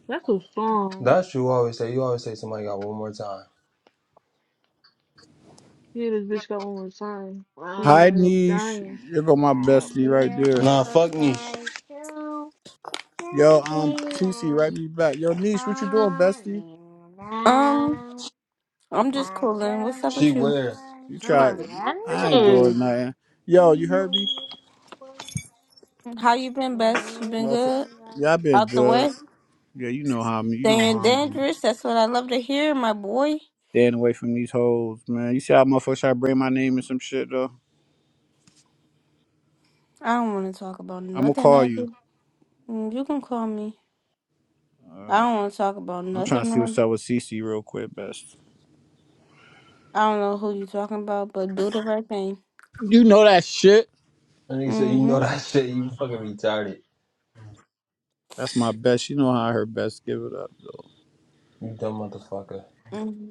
S10: That's a song.
S2: That's what you always say. You always say somebody got one more time.
S10: Yeah, this bitch got one more time. Somebody gonna
S12: Hi,
S10: end up
S12: niche.
S10: dying.
S12: Here go my
S10: Wow. I'll
S12: bestie right
S10: build
S12: there.
S2: Nah,
S10: up a
S2: fuck Niche.
S10: sky to
S12: Yo,
S10: the
S12: um, TC,
S10: daylight.
S12: right me back. Yo, niche, what you doing, bestie?
S10: Falling
S5: Um,
S10: down,
S5: I'm just
S10: I
S5: cooling. What's up
S2: She
S5: with you?
S2: weird.
S12: You try. I ain't
S10: don't
S12: doing nothing. Yo, you heard me?
S5: How you been, best? You been
S12: Motherfucker.
S5: good?
S12: Y'all
S10: know
S12: been
S5: Out the
S12: drugged.
S5: way?
S12: Yeah, you know how I'm you know
S5: Staying
S12: how I'm doing.
S5: dangerous. That's what I love to hear, my boy.
S12: Staying away from these hoes, man. You see how motherfuckers try to bring my name and some shit though?
S5: I don't want to talk about
S12: I'ma
S5: nothing
S12: call
S5: I
S12: you.
S5: did. Mm, You can call me. I
S12: Uh,
S5: don't want to talk about
S12: I'm trying to see
S5: nothing.
S12: what's up with CC real quick, best.
S5: I don't know who you talking about, but do the right thing.
S12: You know that shit.
S2: And nigga said, you know
S5: Mm-hmm.
S2: that [laughs] shit. You fucking retarded.
S12: That's my best. You know how her best give it up though.
S2: You dumb motherfucker.
S5: hmm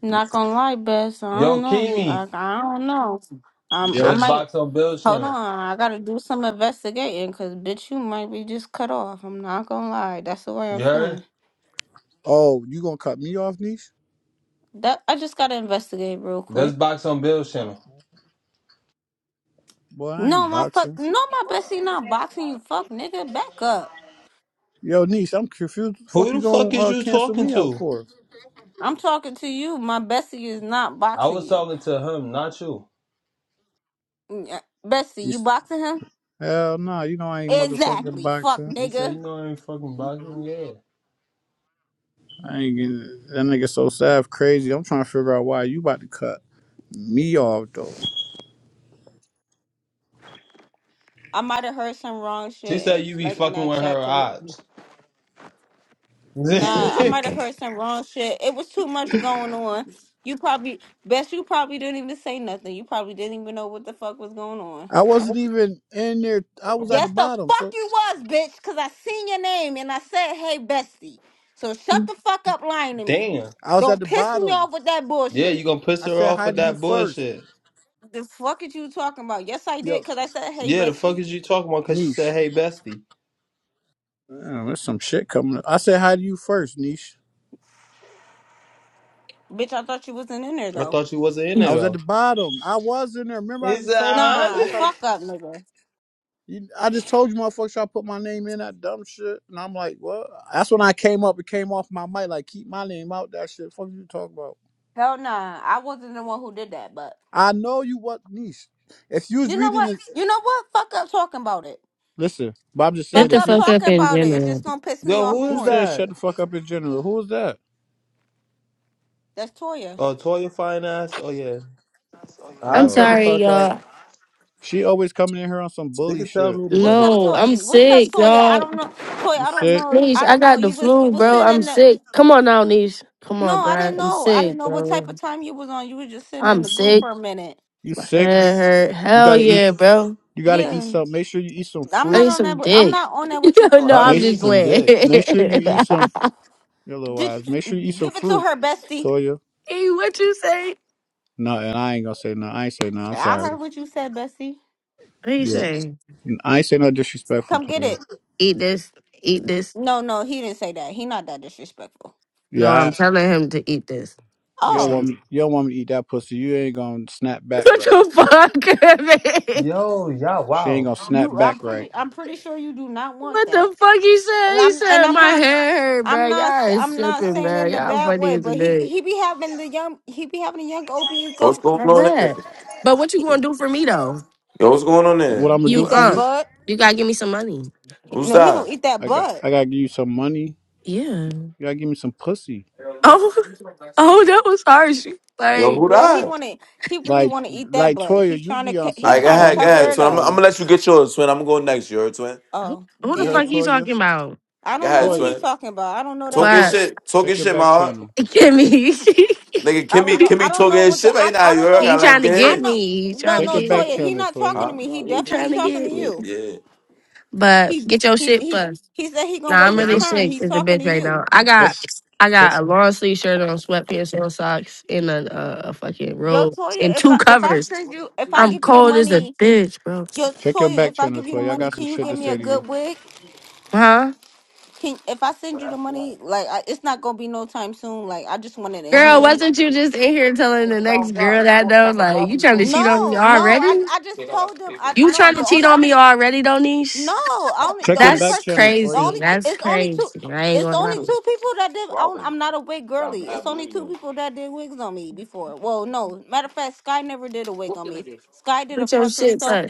S5: Not gonna lie, Bess. I don't
S2: Yo,
S5: know. You,
S2: Kimi.
S5: I, I don't know. Um, I
S12: Yep.
S2: let's
S5: might
S2: Box on Bill's
S5: hold
S2: channel.
S5: on. I gotta do some investigating, cause bitch, you might be just cut off. I'm not gonna lie. That's the way I'm
S2: You heard?
S5: feeling.
S12: Oh, you gonna cut me off, niece?
S5: That I just gotta investigate real
S2: Let's
S5: quick.
S2: box on Bill's
S12: Oh,
S2: channel.
S12: boy, I
S5: No,
S12: ain't
S5: my fuck.
S12: boxing.
S5: No, my bestie not boxing you. Fuck, nigga, back up.
S12: Yo, niece, I'm confused. What the fuck
S2: Who
S12: you
S2: the fuck
S12: gonna
S2: is
S12: uh,
S2: you
S12: cancel
S2: talking
S12: me out
S2: to?
S12: for?
S5: I'm talking to you. My bestie is not
S2: I
S5: boxing
S2: was
S5: you.
S2: talking to him, not you.
S5: Yeah, Bestie, you
S12: She's-
S5: boxing him?
S12: Hell nah, you know I ain't motherfucking
S5: Exactly. Fuck,
S12: boxing.
S2: He
S5: nigga.
S2: said, "You know I ain't fucking boxing." Yeah.
S12: I ain't getting it. that nigga so sad crazy. I'm trying to figure out why you about to cut me off though.
S5: I might have heard some wrong
S2: She
S5: shit,
S2: said
S5: eh,
S2: you be
S5: like in
S2: fucking
S5: that
S2: with her
S5: chat. Cause it,
S2: ops. [laughs]
S5: nah, I
S2: Damn.
S5: might have heard some wrong shit. It was too much going on. You probably best you probably didn't even say nothing. You probably didn't even know what the fuck was going on.
S12: I wasn't even in there. I was at the
S5: Yes, the
S12: bottom.
S5: fuck
S12: So
S5: you was, bitch. Cause I seen your name and I said, "Hey, bestie." So shut the fuck up, lying to me.
S12: I was at
S5: Don't
S12: the
S5: piss me
S12: bottom.
S5: off with that
S2: Yeah, you
S5: bullshit.
S2: gonna piss
S12: I
S2: her
S12: said
S2: off
S12: hi
S2: with
S12: to you
S2: that
S12: first.
S2: bullshit.
S5: The fuck is you talking about? Yes, I
S12: Yo,
S5: did. Cause I said, "Hey,
S2: Yeah, the fuck
S5: bestie."
S2: is you talking about? Cause she
S12: Niche.
S2: said, hey, bestie.
S12: Damn, there's some shit coming up. I said hi to you first, Niche.
S5: Bitch, I thought you wasn't in there
S2: I
S5: though.
S2: thought you wasn't in
S12: I
S2: it
S12: was at the
S2: though.
S12: bottom. I was in there. Remember
S2: He
S12: I
S2: said,
S12: just told you
S2: "I
S5: Nah,
S12: motherfuckers
S2: wasn't."
S12: try to
S5: fuck up, nigga.
S12: you, I just told you motherfuckers try to put my name in that dumb shit. And I'm like, what? That's when I came up It came off my mic, like keep my name out that shit. Fuck you talking about.
S5: Hell nah. I wasn't the one who did that, but
S12: I know you what niece. If you was
S5: you know
S12: reading
S5: what?
S12: it,
S5: You know what? Fuck up talking about it.
S12: listen. But I'm just
S4: Get
S12: saying,
S5: Fuck
S4: the
S12: if
S5: up
S12: you
S4: fuck up
S5: talking
S4: in
S5: about it. It's
S4: general.
S5: just gonna
S2: [laughs]
S5: piss me
S2: Yo,
S5: off
S2: who
S12: who
S2: is
S5: more.
S12: said shut
S2: that?
S12: the fuck up in general? Who was that?
S5: That's Toya.
S2: Oh, Toya Fine Ass? Oh, yeah.
S4: I'm
S2: I'll shut
S12: Oh,
S2: the
S4: sorry,
S2: fuck up.
S4: y'all.
S12: she always coming in here on some
S2: They
S12: bully
S2: can tell
S12: shit.
S2: me to shut
S5: What's
S2: up.
S5: up,
S4: No,
S5: Toya?
S4: I'm
S5: What's up,
S4: sick,
S5: Toya? I
S4: y'all.
S5: don't know, Toya.
S12: You
S5: I don't
S12: sick?
S5: know.
S4: Nish,
S5: I
S4: I
S5: don't know.
S4: got the
S5: You was you
S4: flu,
S5: was
S4: bro.
S5: sitting
S4: I'm
S5: in the.
S4: sick. Come on now, Nish. Come
S5: No,
S4: on, bro.
S5: I didn't
S4: I'm
S5: know. I
S4: sick,
S5: didn't know what type
S4: bro.
S5: of time you was on. You were just sitting in
S4: I'm
S5: the goo
S4: sick.
S5: for a minute.
S12: You
S4: My
S12: sick?
S4: head hurt.
S12: You
S4: Hell
S12: gotta eat.
S4: yeah, bro.
S12: You gotta eat
S5: Yeah,
S12: some. Make sure you eat some
S5: I'm
S4: I
S5: not
S12: fruit.
S4: need
S5: on that.
S4: some
S5: with- I'm
S4: dick.
S5: not on
S4: [laughs]
S5: that with you,
S4: no,
S2: I'll
S5: Toya.
S4: I'm
S2: give
S12: Make
S2: you
S4: just
S2: some
S4: playing. [laughs]
S2: dick.
S4: hey,
S12: make sure you eat some. Your little
S5: Did
S12: eyes. Make sure you
S5: you,
S12: eat some
S5: give it to
S12: fruit,
S5: her, bestie.
S12: Toya.
S4: what you say?
S12: No, and I ain't gonna say no. I ain't say no. I'm
S5: I
S12: sorry.
S5: heard what you said, bestie.
S4: What you
S12: Yeah,
S4: say?
S12: I ain't say no disrespectful,
S5: Come get
S12: Toya.
S5: it.
S4: Eat this. Eat this.
S5: No, no, he didn't say that. He not that disrespectful.
S4: No,
S12: Yeah,
S4: I'm
S12: I,
S4: telling him to eat this.
S12: you
S4: That's
S12: don't
S5: Oh,
S4: not-
S12: want me.
S4: [laughs]
S12: You don't want me to eat that pussy. You ain't gonna snap back
S4: What
S12: right.
S4: the fuck? [laughs] man?
S2: Yo, yeah,
S12: She ain't
S2: wow.
S12: gonna snap
S5: you I'm
S12: back right.
S5: pretty I'm pretty sure you do not want
S4: What
S5: that.
S4: the fuck he said?
S5: And
S4: He
S5: I'm and
S4: said
S5: I'm
S4: my
S5: not
S4: hair hurt, bro.
S5: I'm not
S4: Y'all is
S5: I'm not
S4: tripping,
S5: saying
S4: bro.
S5: in a
S4: Y'all
S5: bad
S4: funny
S5: way,
S4: as a
S5: but he
S4: bitch.
S5: he be having the young he be having the young OBs
S14: What's
S5: go
S14: going
S4: That's
S14: on there?
S4: bad. But what you
S5: he-
S4: gonna do for me though?
S14: Yo, what's going on
S12: What
S14: there?
S12: I'm gonna
S4: You
S12: do
S5: eat
S12: for
S5: that
S4: uh,
S12: you?
S5: bud.
S4: you gotta give me some money.
S14: Who's
S5: No, he
S14: that?
S5: gonna eat that
S12: I got
S5: bud.
S12: I gotta give you some money.
S4: Yeah.
S12: You gotta give me some pussy.
S4: Oh, [laughs] oh, that was harsh.
S14: Yo,
S4: Like,
S14: who
S5: Girl, he
S14: that?
S5: wanna he really
S12: Like
S5: wanna eat that
S12: like
S5: bud. He
S12: Toya, you
S5: trying to
S12: be
S5: co-
S12: on
S14: All
S5: he
S14: right,
S12: some
S14: go
S5: trying to
S14: ahead, go
S12: funny
S5: cover
S14: ahead,
S12: shit,
S5: it
S14: twin. I'm,
S5: up.
S14: I'm
S12: Toya.
S14: gonna let you get yours, twin. I'm gonna go next, you heard, twin.
S4: who,
S5: Oh,
S4: who the
S12: You heard
S4: fuck
S5: damn.
S4: he
S12: Toya?
S4: talking about?
S5: I
S14: Go
S5: don't know
S14: ahead,
S5: what
S12: Toya,
S5: he's
S14: twin.
S5: talking about. I don't know that
S14: Talk your
S5: boy.
S4: What?
S14: shit, talk your
S12: check your
S14: shit, my
S12: back
S14: heart.
S12: channel.
S4: Get me. [laughs]
S14: Nigga,
S5: I don't
S14: Kimmy,
S5: know. I
S14: Kimmy
S5: don't
S14: talking
S5: know
S14: his
S5: what the
S14: shit
S5: I,
S14: right now,
S5: I
S14: you
S5: don't
S14: heard? I
S5: know.
S4: he
S14: gotta
S5: I,
S14: let him
S4: trying to
S14: get
S5: I
S4: get
S5: know
S14: his.
S4: me. He trying
S5: no
S4: to
S12: Check
S5: no
S12: your back
S4: get.
S5: Toya, he
S12: channel,
S5: not talking
S12: Toya.
S5: to
S14: Huh?
S5: me. He
S4: He trying
S5: definitely
S4: to
S5: talking to
S4: get me.
S5: you.
S14: Yeah.
S4: But
S5: He
S4: get your
S5: he
S4: shit
S5: he
S4: first.
S5: he said he gonna
S4: Nah, I'm
S5: wait
S12: Check
S5: his
S4: really
S12: your
S5: turn.
S4: sick
S5: He
S4: as a
S5: talking to
S4: bitch right now.
S5: you.
S4: I
S12: check
S4: got I
S12: check
S4: got a long sleeve shirt on, sweatpants on, socks, and a, a, a fucking
S5: Yo
S4: robe and
S5: Toya, if
S4: two
S5: I if I
S4: covers.
S5: send you if I
S4: I'm
S5: give you the
S4: cold as a
S5: money,
S4: bitch, bro.
S5: yo
S12: check your
S5: Toya,
S12: back
S5: if I
S12: channel,
S5: give you the
S12: Toya. I
S5: money,
S12: got some
S5: can you
S12: shit
S5: give
S12: to
S5: me a
S12: say to
S5: good
S12: you.
S5: wig?
S4: Huh?
S5: Can if I send you the money, like I, it's not gonna be no time soon. Like I just wanted a
S4: Girl,
S5: hand.
S4: wasn't you just in here telling the next girl that though? Like you trying to cheat on me
S5: No, no, I
S4: already?
S5: I just
S14: Think I got the
S5: told him I
S14: papers.
S4: You
S5: no.
S4: trying to
S5: The
S4: cheat
S5: only
S4: on me already, though,
S5: No,
S4: niece?
S5: I only the
S12: Check your
S5: only
S12: back
S4: That's
S5: person,
S12: channel,
S5: the
S12: Toya.
S4: crazy.
S5: only t-
S4: That's
S5: it's only two,
S4: crazy. I ain't
S5: it's
S4: gonna
S5: only
S4: lie.
S5: two people that did. I don't,
S14: Robin.
S5: I'm not a wig
S14: Got
S5: girly. It's
S14: mad blue,
S5: only
S14: you
S5: two people
S14: know.
S5: that did wigs on me before. Well, no, matter of fact, Sky never did a wig on me. Sky did a
S4: Put your
S5: frontal
S4: shit
S5: sew.
S4: up.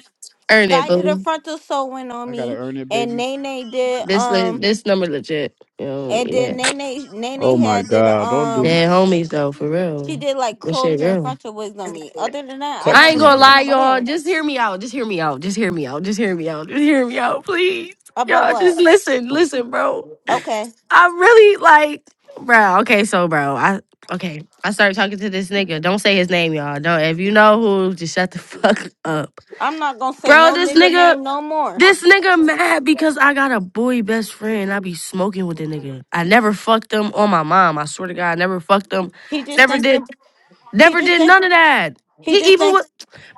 S4: Earn it,
S5: Sky did a
S4: boo.
S5: frontal sewing on
S12: I gotta
S5: me,
S12: earn it,
S5: and
S12: baby.
S5: Nene did
S4: This le-
S5: um,
S4: this number legit. You know,
S5: and
S4: yeah.
S5: then Nene
S12: Oh
S5: Nene
S12: my
S5: had did
S12: god, don't do
S5: um,
S12: me.
S4: they homies though, for
S5: she
S4: real.
S5: did like
S4: This shit
S5: closure and
S4: real.
S5: frontal wigs on me. Other than that, I
S4: I
S12: Text
S4: ain't
S5: never
S12: me,
S5: been
S4: gonna
S5: to
S12: bro.
S4: lie,
S5: nobody
S4: y'all.
S5: else
S4: Just hear me out. Just hear me out. Just hear me out. Just hear me out. Just hear me out, please.
S5: about
S4: Y'all, just
S5: what.
S4: listen, listen, bro.
S5: Okay,
S4: I really like, bro. Okay, so, bro, I okay. I started talking to this nigga. Don't say his name, y'all. Don't. If you know who, just shut the [laughs]
S14: Yeah.
S4: fuck up,
S5: I'm not gonna say
S4: bro.
S5: no
S4: This
S5: nigga
S4: nigga,
S5: name no more.
S4: this nigga mad because I got a boy best friend. I be smoking with the nigga. I never fucked him on my mom. I swear to God, I never fucked him.
S5: He just
S4: Never
S5: thinking.
S4: did.
S5: He
S4: Never
S5: just
S4: did
S5: think
S4: none of that.
S5: he
S4: He
S5: just
S4: even
S5: think
S4: was,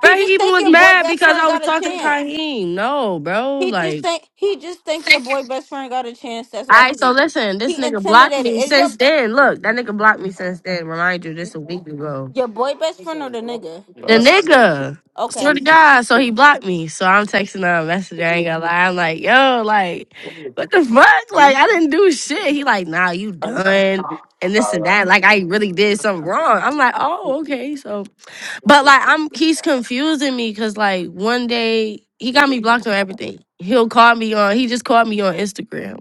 S4: bro. He
S5: just
S4: even
S5: think
S4: was
S5: your boy
S4: mad
S5: best
S4: because
S5: friend
S4: I was
S5: got a
S4: talking to
S5: chance.
S4: Kaheem. No, bro.
S5: He just
S4: Like,
S5: think he just think
S4: all
S5: your boy best friend got a chance. That's why he
S4: right. So listen, this
S5: he
S4: nigga blocked
S5: intimidated.
S4: me
S5: Is
S4: since
S5: your
S4: then. Look, that nigga blocked me since then. Remind you, this a week ago.
S5: your boy best friend or the nigga?
S4: The
S14: Nice.
S4: nigga, swear
S5: Okay.
S4: to God. So he blocked me. So I'm texting him a message. I ain't gonna lie. I'm like, yo, like, what the fuck? Like, I didn't do shit. He like, nah, you done. And this and
S14: Alright,
S4: that. Like, I really did something wrong. I'm like, oh, okay. So. But like I'm he's confusing me because like one day he got me blocked on everything. He'll call me on he just called me on Instagram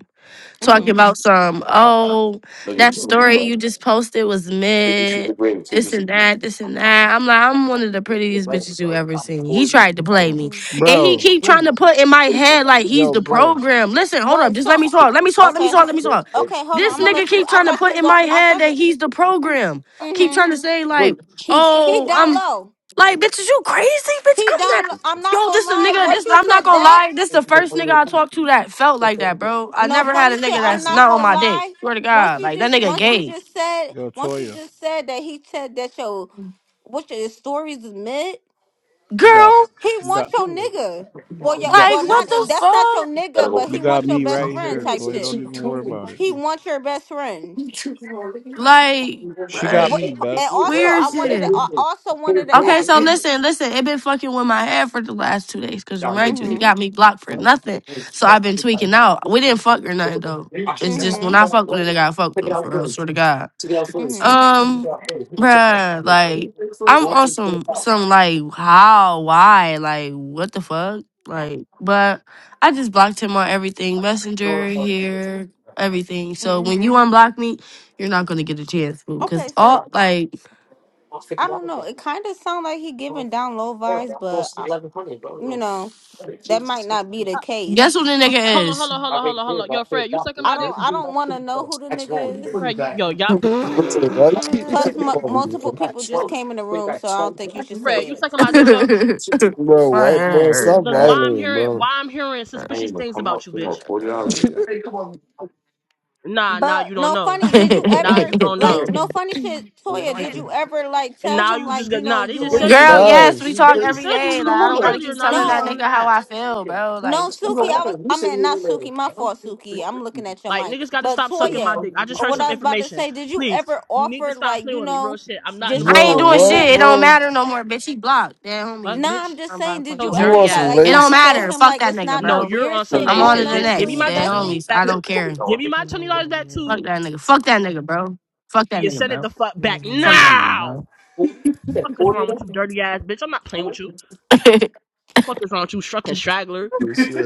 S4: talking
S14: Look at
S5: Mhm.
S4: about
S14: this.
S4: some, oh,
S14: look
S4: that
S14: at you.
S4: story you
S14: bro.
S4: just posted was
S14: Take this to the
S4: mid,
S14: grave. Take
S4: this
S14: this.
S4: and that, this and that. I'm like, I'm one of the prettiest bitches you ever seen. He tried to play me.
S5: Mhm.
S4: And he
S12: Bro,
S4: keep trying to put in my head like he's
S12: yo,
S4: the
S5: What?
S12: bro,
S4: program. Listen, hold up,
S5: What?
S4: just let me
S5: So
S4: talk. Let me talk, let me
S5: okay.
S4: talk, let me talk.
S5: Okay. Hold on.
S4: This
S5: I'm gonna
S4: nigga
S5: let you.
S4: keep
S5: I
S4: trying to
S5: thought you
S4: put in
S5: was all.
S4: my
S5: I
S4: head
S5: thought.
S4: that
S5: The,
S4: he's the program. Keep
S5: mhm.
S4: trying to say like
S5: He he
S4: Oh,
S5: down
S4: I'm
S5: low.
S4: like, bitch, is you crazy, bitch?
S5: He
S4: I'm not.
S5: down. Low. I'm not
S4: Yo,
S5: gonna
S4: this a
S5: lie.
S4: nigga.
S5: Once
S4: This
S5: you
S4: I'm not
S5: said
S4: gonna
S5: that.
S4: lie. This the first nigga I talked to that felt like that, bro. I
S5: No
S4: never had
S5: funny
S4: a
S5: shit.
S4: nigga
S5: I'm
S4: that's
S5: not
S4: not on
S5: gonna
S4: my dick.
S5: lie.
S4: Swear to
S5: Once
S4: God,
S5: you
S4: like that
S5: just,
S4: nigga
S5: once you
S4: gay.
S5: just said,
S12: yo,
S5: once you
S12: Toya,
S5: just said that he said that your what your stories is mid.
S12: you got,
S4: Girl,
S5: He
S12: you
S5: wants
S12: got,
S5: your nigga. Well, yeah,
S12: you got.
S4: like
S5: well,
S4: what
S5: not
S4: the
S5: that's not your
S4: fuck?
S14: Gotta
S5: nigga,
S14: go
S5: but
S12: You
S5: he
S14: 50
S12: got
S5: wants your
S12: me
S5: best
S12: right
S5: friend
S12: here,
S5: type
S12: Toy. Don't
S5: shit.
S12: even worry about it.
S5: He wants your best friend.
S4: Like
S12: She got
S4: what?
S5: What?
S12: me, Bess.
S5: And also,
S4: weird
S5: I wanted to,
S4: shit.
S5: I also wanted to
S4: Okay,
S5: ask.
S4: so
S5: Did you?
S4: listen, listen. It been fucking with my head for the last two days. Cause remind you, he
S5: Mm-hmm.
S4: got me blocked for nothing. So I've been tweaking out. We didn't fuck or nothing though. It's just when I
S5: Mm-hmm.
S4: fuck with a nigga, I fuck with him for real. Swear to God.
S5: Mm-hmm.
S4: Um, bruh, like I'm on some some like how, why, like what the fuck, like. But I just blocked him on everything, messenger here, everything. So
S5: mm-hmm.
S4: when you unblock me, you're not gonna get a chance, boo. Cause
S5: Okay,
S4: all
S5: so
S4: like,
S5: I don't know. It kind of sounds like he giving down low vibes, but I, you know. That might not be the case.
S4: guess who the
S1: Hold
S4: nigga
S1: on, hold
S4: is?
S1: on, hold on, hold on, hold on. Yo, Fred, you sucking
S5: I
S1: my
S5: don't.
S1: dick?
S5: I don't want to know who the nigga is.
S1: Fred, you, yo, y'all.
S15: Bro, why you
S16: [laughs]
S15: keep
S16: Come
S1: [laughs]
S5: Plus,
S15: talking
S5: m-
S15: about me,
S5: multiple
S15: bro?
S5: people just came in the room, so I don't think you should
S1: Fred,
S5: say
S1: you
S5: it.
S1: sucking my dick though?
S4: [laughs]
S15: Bro, what, bro? Stop
S1: Because why I'm
S15: violating,
S1: hearing,
S15: bro.
S1: why I'm hearing suspicious things about you, bitch. Nah, nah, you
S5: But
S1: don't
S5: no
S1: know.
S5: funny. Did you
S1: Nah,
S5: ever
S1: you don't
S5: like
S1: know.
S5: no funny shit, Toya? Did you ever like
S1: And
S5: tell
S1: now
S5: him
S1: you just
S5: like
S1: got
S5: you know
S1: nah. They
S5: you
S1: just
S5: and
S1: said you was in
S4: Girl,
S1: the
S5: you?
S1: room.
S4: yes, we
S15: Gosh,
S1: They
S4: talk
S1: just
S4: every
S1: said you
S4: day.
S1: was in
S4: Like
S1: the
S4: I
S1: room
S4: don't gotta
S1: earlier.
S4: keep
S1: Now you
S4: telling
S1: just
S4: that
S1: got on
S5: No,
S4: nigga
S1: the
S4: how
S1: app.
S4: I feel, bro. Like
S5: no,
S4: what the
S5: Suki.
S4: fuck.
S5: I was. I mean, not Suki. My fault, Suki. I'm looking at your
S1: Like
S5: mic.
S1: niggas got to
S5: But
S1: stop sucking my
S5: Toya,
S1: dick. I just
S5: or
S1: heard
S5: what
S1: some
S5: I was about to
S1: information.
S5: say. Did you
S1: Please,
S5: ever
S1: you need to
S5: offer
S1: stop
S5: like
S1: playing
S5: you
S1: with me. Real
S5: know
S1: shit. I'm not in the
S5: just to
S4: I
S15: bro,
S1: mood.
S4: ain't
S5: show
S4: doing
S5: him that?
S15: what,
S4: shit. It don't
S15: bro?
S4: matter no more, bitch. He blocked. That
S1: Fuck,
S4: homies.
S5: Nah,
S1: bitch.
S5: I'm just
S4: I'm
S5: saying,
S4: blocked. Fuck,
S5: did
S1: So
S5: you
S4: I'm
S15: You
S4: on-
S5: ever
S1: dirty
S15: want
S5: try
S15: some
S1: ass.
S5: like
S4: It
S5: try
S4: don't
S5: to
S15: race
S5: show
S4: matter.
S5: him
S4: Fuck
S5: like
S4: that
S5: it's
S4: nigga,
S5: not no
S1: No,
S4: bro.
S1: you're
S5: weird
S1: on some
S5: shit
S4: I'm
S1: lay
S4: on to
S5: going
S1: shit,
S4: the
S5: on
S1: bitch.
S5: with you
S1: Give me
S5: and
S4: next.
S1: my
S16: on,
S5: your
S4: That
S1: twenty
S16: big man.
S5: bestie?
S4: homies.
S1: dollars back
S4: I
S1: too.
S4: don't care.
S1: Give me my
S16: Come on,
S1: twenty dollars back
S16: Yazma.
S1: too.
S4: Fuck that nigga. Fuck that nigga, bro. Fuck that
S1: You
S4: nigga,
S1: send it
S4: bro.
S1: the fuck back
S16: Lazmi,
S4: Fuck that
S16: man.
S4: nigga,
S1: now.
S4: bro.
S1: Fuck is wrong with you, dirty ass bitch? I'm not playing with you.
S4: [laughs]
S1: Fuck is wrong with you, struck and straggler?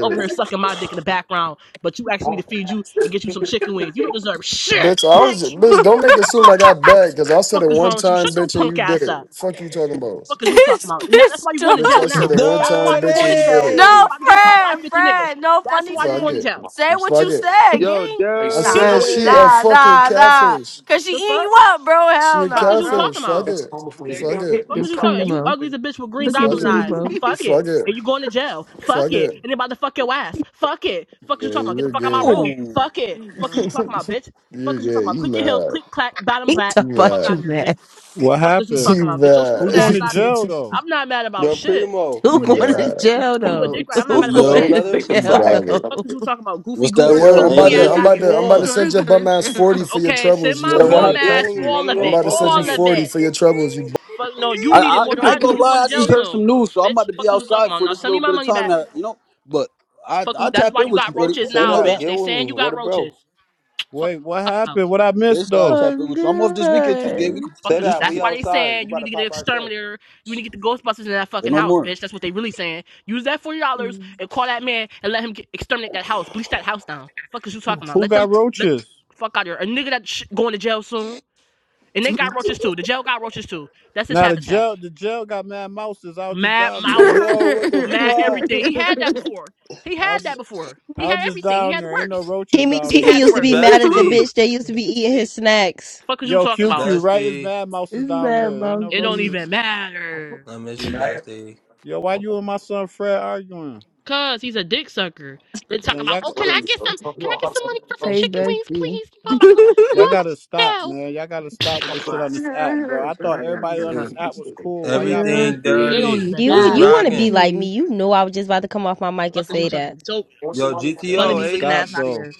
S1: Over here sucking my dick in the background, but you asked me to feed you and get you some chicken wings. You don't deserve shit,
S15: Bitch, I was just,
S1: bitch.
S15: bitch, don't make it seem like I bad, because I said
S1: Fuck
S15: it
S1: is
S15: one
S1: wrong with you?
S15: time,
S1: Shut your
S15: bitch, and
S1: punk
S15: you did
S1: ass up.
S15: it. Fuck you talking about.
S1: Fuck is you talking
S4: this
S1: about? Now that's
S4: bitch
S1: why you're going to
S15: Bitch,
S1: jail
S15: I
S4: talking.
S15: said
S1: now.
S15: it one
S1: That's
S15: time,
S1: why you're
S15: bitch,
S1: going
S15: and
S1: to
S15: you did
S1: jail
S15: it.
S1: and you're
S4: No,
S2: Dirty!
S1: about to get fucked by
S4: friend,
S1: fifty niggas.
S4: friend. No
S1: That's
S4: funny
S1: why you're
S15: Fuck
S1: going
S4: shit.
S1: to
S15: it.
S1: jail.
S4: Say what
S15: Fuck
S4: you
S15: it.
S4: said,
S2: Yo,
S4: gang.
S15: I
S1: He know
S15: said
S4: Nah,
S1: what he
S15: she
S2: dirty.
S15: a
S1: said.
S4: nah,
S15: fucking
S4: nah, nah.
S15: catfish.
S4: Cause she
S1: The
S4: eating
S1: fuck?
S4: you up, bro.
S15: She
S4: Hell
S15: a
S1: Fuck
S4: nah,
S1: is you
S4: bro.
S15: catfish.
S1: talking
S15: Fuck
S1: about?
S15: it. Fuck it.
S1: Fuck
S6: Look
S1: is
S6: at
S1: you talking? about? You
S6: Primo.
S1: ugly as a bitch with green
S6: Look at
S15: Fuck
S1: goblin
S15: it.
S1: eyes.
S6: Primo.
S1: Fuck
S15: Fuck
S1: it. And
S15: it.
S1: you going to jail.
S15: Fuck
S1: Fuck it.
S15: it.
S1: And they about to fuck your ass. Fuck it. Fuck is
S15: Yeah,
S1: you talking about? Get the
S15: you're
S1: fuck out of
S15: gay.
S1: my
S17: Oh,
S1: room. Fuck it. Fuck is
S4: [laughs]
S1: you
S15: You're
S1: talking about, bitch? Fuck is you talking
S15: good.
S1: about?
S15: You
S1: Click your heels,
S15: mad.
S1: click clack, bottom
S6: He
S1: black.
S15: You
S6: talk
S1: Fuck
S6: about
S15: mad.
S1: out of
S6: you,
S1: here, bitch.
S6: man.
S12: What
S1: Fuck is you
S12: happened?
S1: talking
S15: You
S1: about? Get your
S15: mad.
S12: Who
S1: stupid
S12: going
S1: ass
S12: to
S15: [laughs]
S1: out of here.
S12: jail though?
S1: I'm not mad about
S2: Yo,
S1: shit.
S6: [laughs]
S2: Primo,
S15: you
S6: Who
S1: You a dick
S6: going to
S1: rider.
S15: mad.
S6: jail
S1: You a
S6: though?
S1: dick rider.
S6: [laughs]
S1: I'm not
S2: what's
S6: Who
S1: mad about
S6: going
S2: good,
S17: yo,
S1: shit.
S6: to
S2: brother?
S15: You
S6: jail though?
S15: bothered.
S6: [laughs]
S1: Fuck is you talking about? Goofy
S17: what's that
S1: goober.
S15: Hey
S1: Get
S15: yo,
S1: your
S15: I'm
S17: word,
S1: goofy
S2: Ain't
S15: about to
S17: brother?
S1: ass
S2: shit
S15: I'm
S1: out of
S2: what
S15: about
S2: you
S1: here.
S15: to I'm about to
S2: want.
S4: You're
S15: send your
S4: gonna
S15: bum ass 40
S4: jail.
S15: for your
S1: Okay, send
S15: troubles, you
S1: my
S12: Your
S2: You gotta
S1: bum
S15: heard?
S12: Toya
S2: get
S1: ass
S2: with
S12: text
S2: me,
S12: me.
S1: all
S2: nigga. You
S1: of
S15: I'm
S2: don't
S1: it.
S15: about to
S2: fuck with
S15: send you
S1: All of
S2: niggas.
S1: it.
S15: 40 for your troubles, you
S1: Fuck no, you
S17: I,
S1: need it
S17: I
S1: more than
S17: I
S1: I
S17: ain't
S1: do.
S17: gonna
S1: You
S4: [laughs]
S1: going
S17: lie,
S1: to
S17: I just
S1: jail
S17: heard
S1: soon,
S17: some news, so I'm about
S1: bitch.
S17: to be
S1: Fuck is you talking
S17: outside
S1: about?
S17: for
S1: Now
S17: this
S1: send me
S17: little
S1: my
S17: bit of
S1: money
S17: time
S1: back.
S17: now, you know. But I
S1: Fuck is
S17: I
S1: you. That's
S17: tap
S1: why
S17: in
S1: you
S17: with you,
S1: got
S17: brother.
S1: roaches
S2: Say
S17: You
S1: now,
S17: know
S2: that,
S1: bitch.
S17: that.
S2: get
S1: They
S2: with
S1: saying
S2: me.
S1: you
S2: Where
S1: got
S2: the
S1: roaches.
S2: bro?
S1: Fuck
S12: Wait, what
S1: out.
S12: happened? What I
S17: They
S12: missed
S17: start
S12: though?
S17: tap in
S6: oh
S17: with you. I'm off this weekend too,
S6: god.
S17: Gabe. We can
S2: Say
S1: Fuck is
S17: do
S1: you.
S17: some
S2: that,
S1: That's
S2: we
S17: shit.
S1: why they
S2: outside. We
S1: saying you
S2: about
S1: need
S2: to
S1: to get an
S2: pop our shit.
S1: exterminator. You need to get the Ghostbusters in that
S17: Say
S1: fucking
S17: no
S1: house,
S17: more.
S1: bitch. That's what they really saying. Use that forty dollars and call that man and let him get, exterminate that house, bleach that house down. Fuck is you
S12: Who
S1: talking about?
S12: who
S1: Let them
S12: got
S1: let
S12: roaches?
S1: fuck out of here. A nigga that sh- going to jail soon, and they got roaches too. The jail got roaches too. That's his
S12: Now the
S1: habitat.
S12: jail, the jail got mad mouses. I was just
S1: Mad
S12: down there.
S1: Mouse,
S2: Yo, what the
S1: Mad
S2: fuck?
S1: everything. He had that before. He
S12: I
S1: had
S12: was,
S1: that
S12: just,
S1: before. He
S12: I was
S1: had
S12: just
S1: everything. He
S12: down
S1: had the
S12: there. Ain't no
S1: works.
S12: roaches
S18: Kimmy,
S12: down
S1: He
S18: Kimmy
S12: there.
S1: had the
S18: used to be
S1: works.
S18: mad at the
S2: Bestie.
S18: bitch that used to be eating his snacks.
S1: Fuck is you
S12: Yo,
S1: talking about?
S12: QQ, right? It's
S2: Bestie.
S12: mad mouses
S6: It's
S12: down
S6: bad
S12: there. Ain't no
S1: It don't
S6: monkey.
S1: even
S12: roaches.
S1: matter.
S2: I miss you, bestie.
S12: Yo, why you and my son Fred arguing?
S1: Cause he's a dick sucker. Then talking
S12: Man,
S1: about,
S12: y'all.
S1: oh, can I get some? Can I get some money for some
S6: Hey
S1: chicken wings,
S6: Bessie.
S1: please? You know I'm about to go. You
S12: Y'all gotta
S1: know
S12: stop,
S1: I'm about to
S12: man. Y'all gotta stop with this
S4: Well,
S12: shit on
S4: I
S12: this app, bro. I
S4: heard, but
S12: thought
S4: I gotta
S12: everybody
S4: get
S12: on this
S19: Hey,
S12: app was
S4: up.
S12: cool. Why y'all
S1: go. Look,
S12: be?
S2: Everything
S1: it it
S2: dirty.
S1: don't
S6: Filthy.
S1: even
S18: You
S2: Was
S18: you want
S1: matter.
S18: to be
S2: rocking.
S18: like me?
S6: Filthy.
S18: You know, I was just about to come off my mic and
S1: Fuck is you
S18: say
S1: talking
S18: that.
S1: about? So
S2: Yo,
S12: Y'all
S1: Bunny
S2: GTO
S12: gotta
S1: be looking
S2: 8.
S12: stop,
S1: ass out of
S12: though.
S1: here.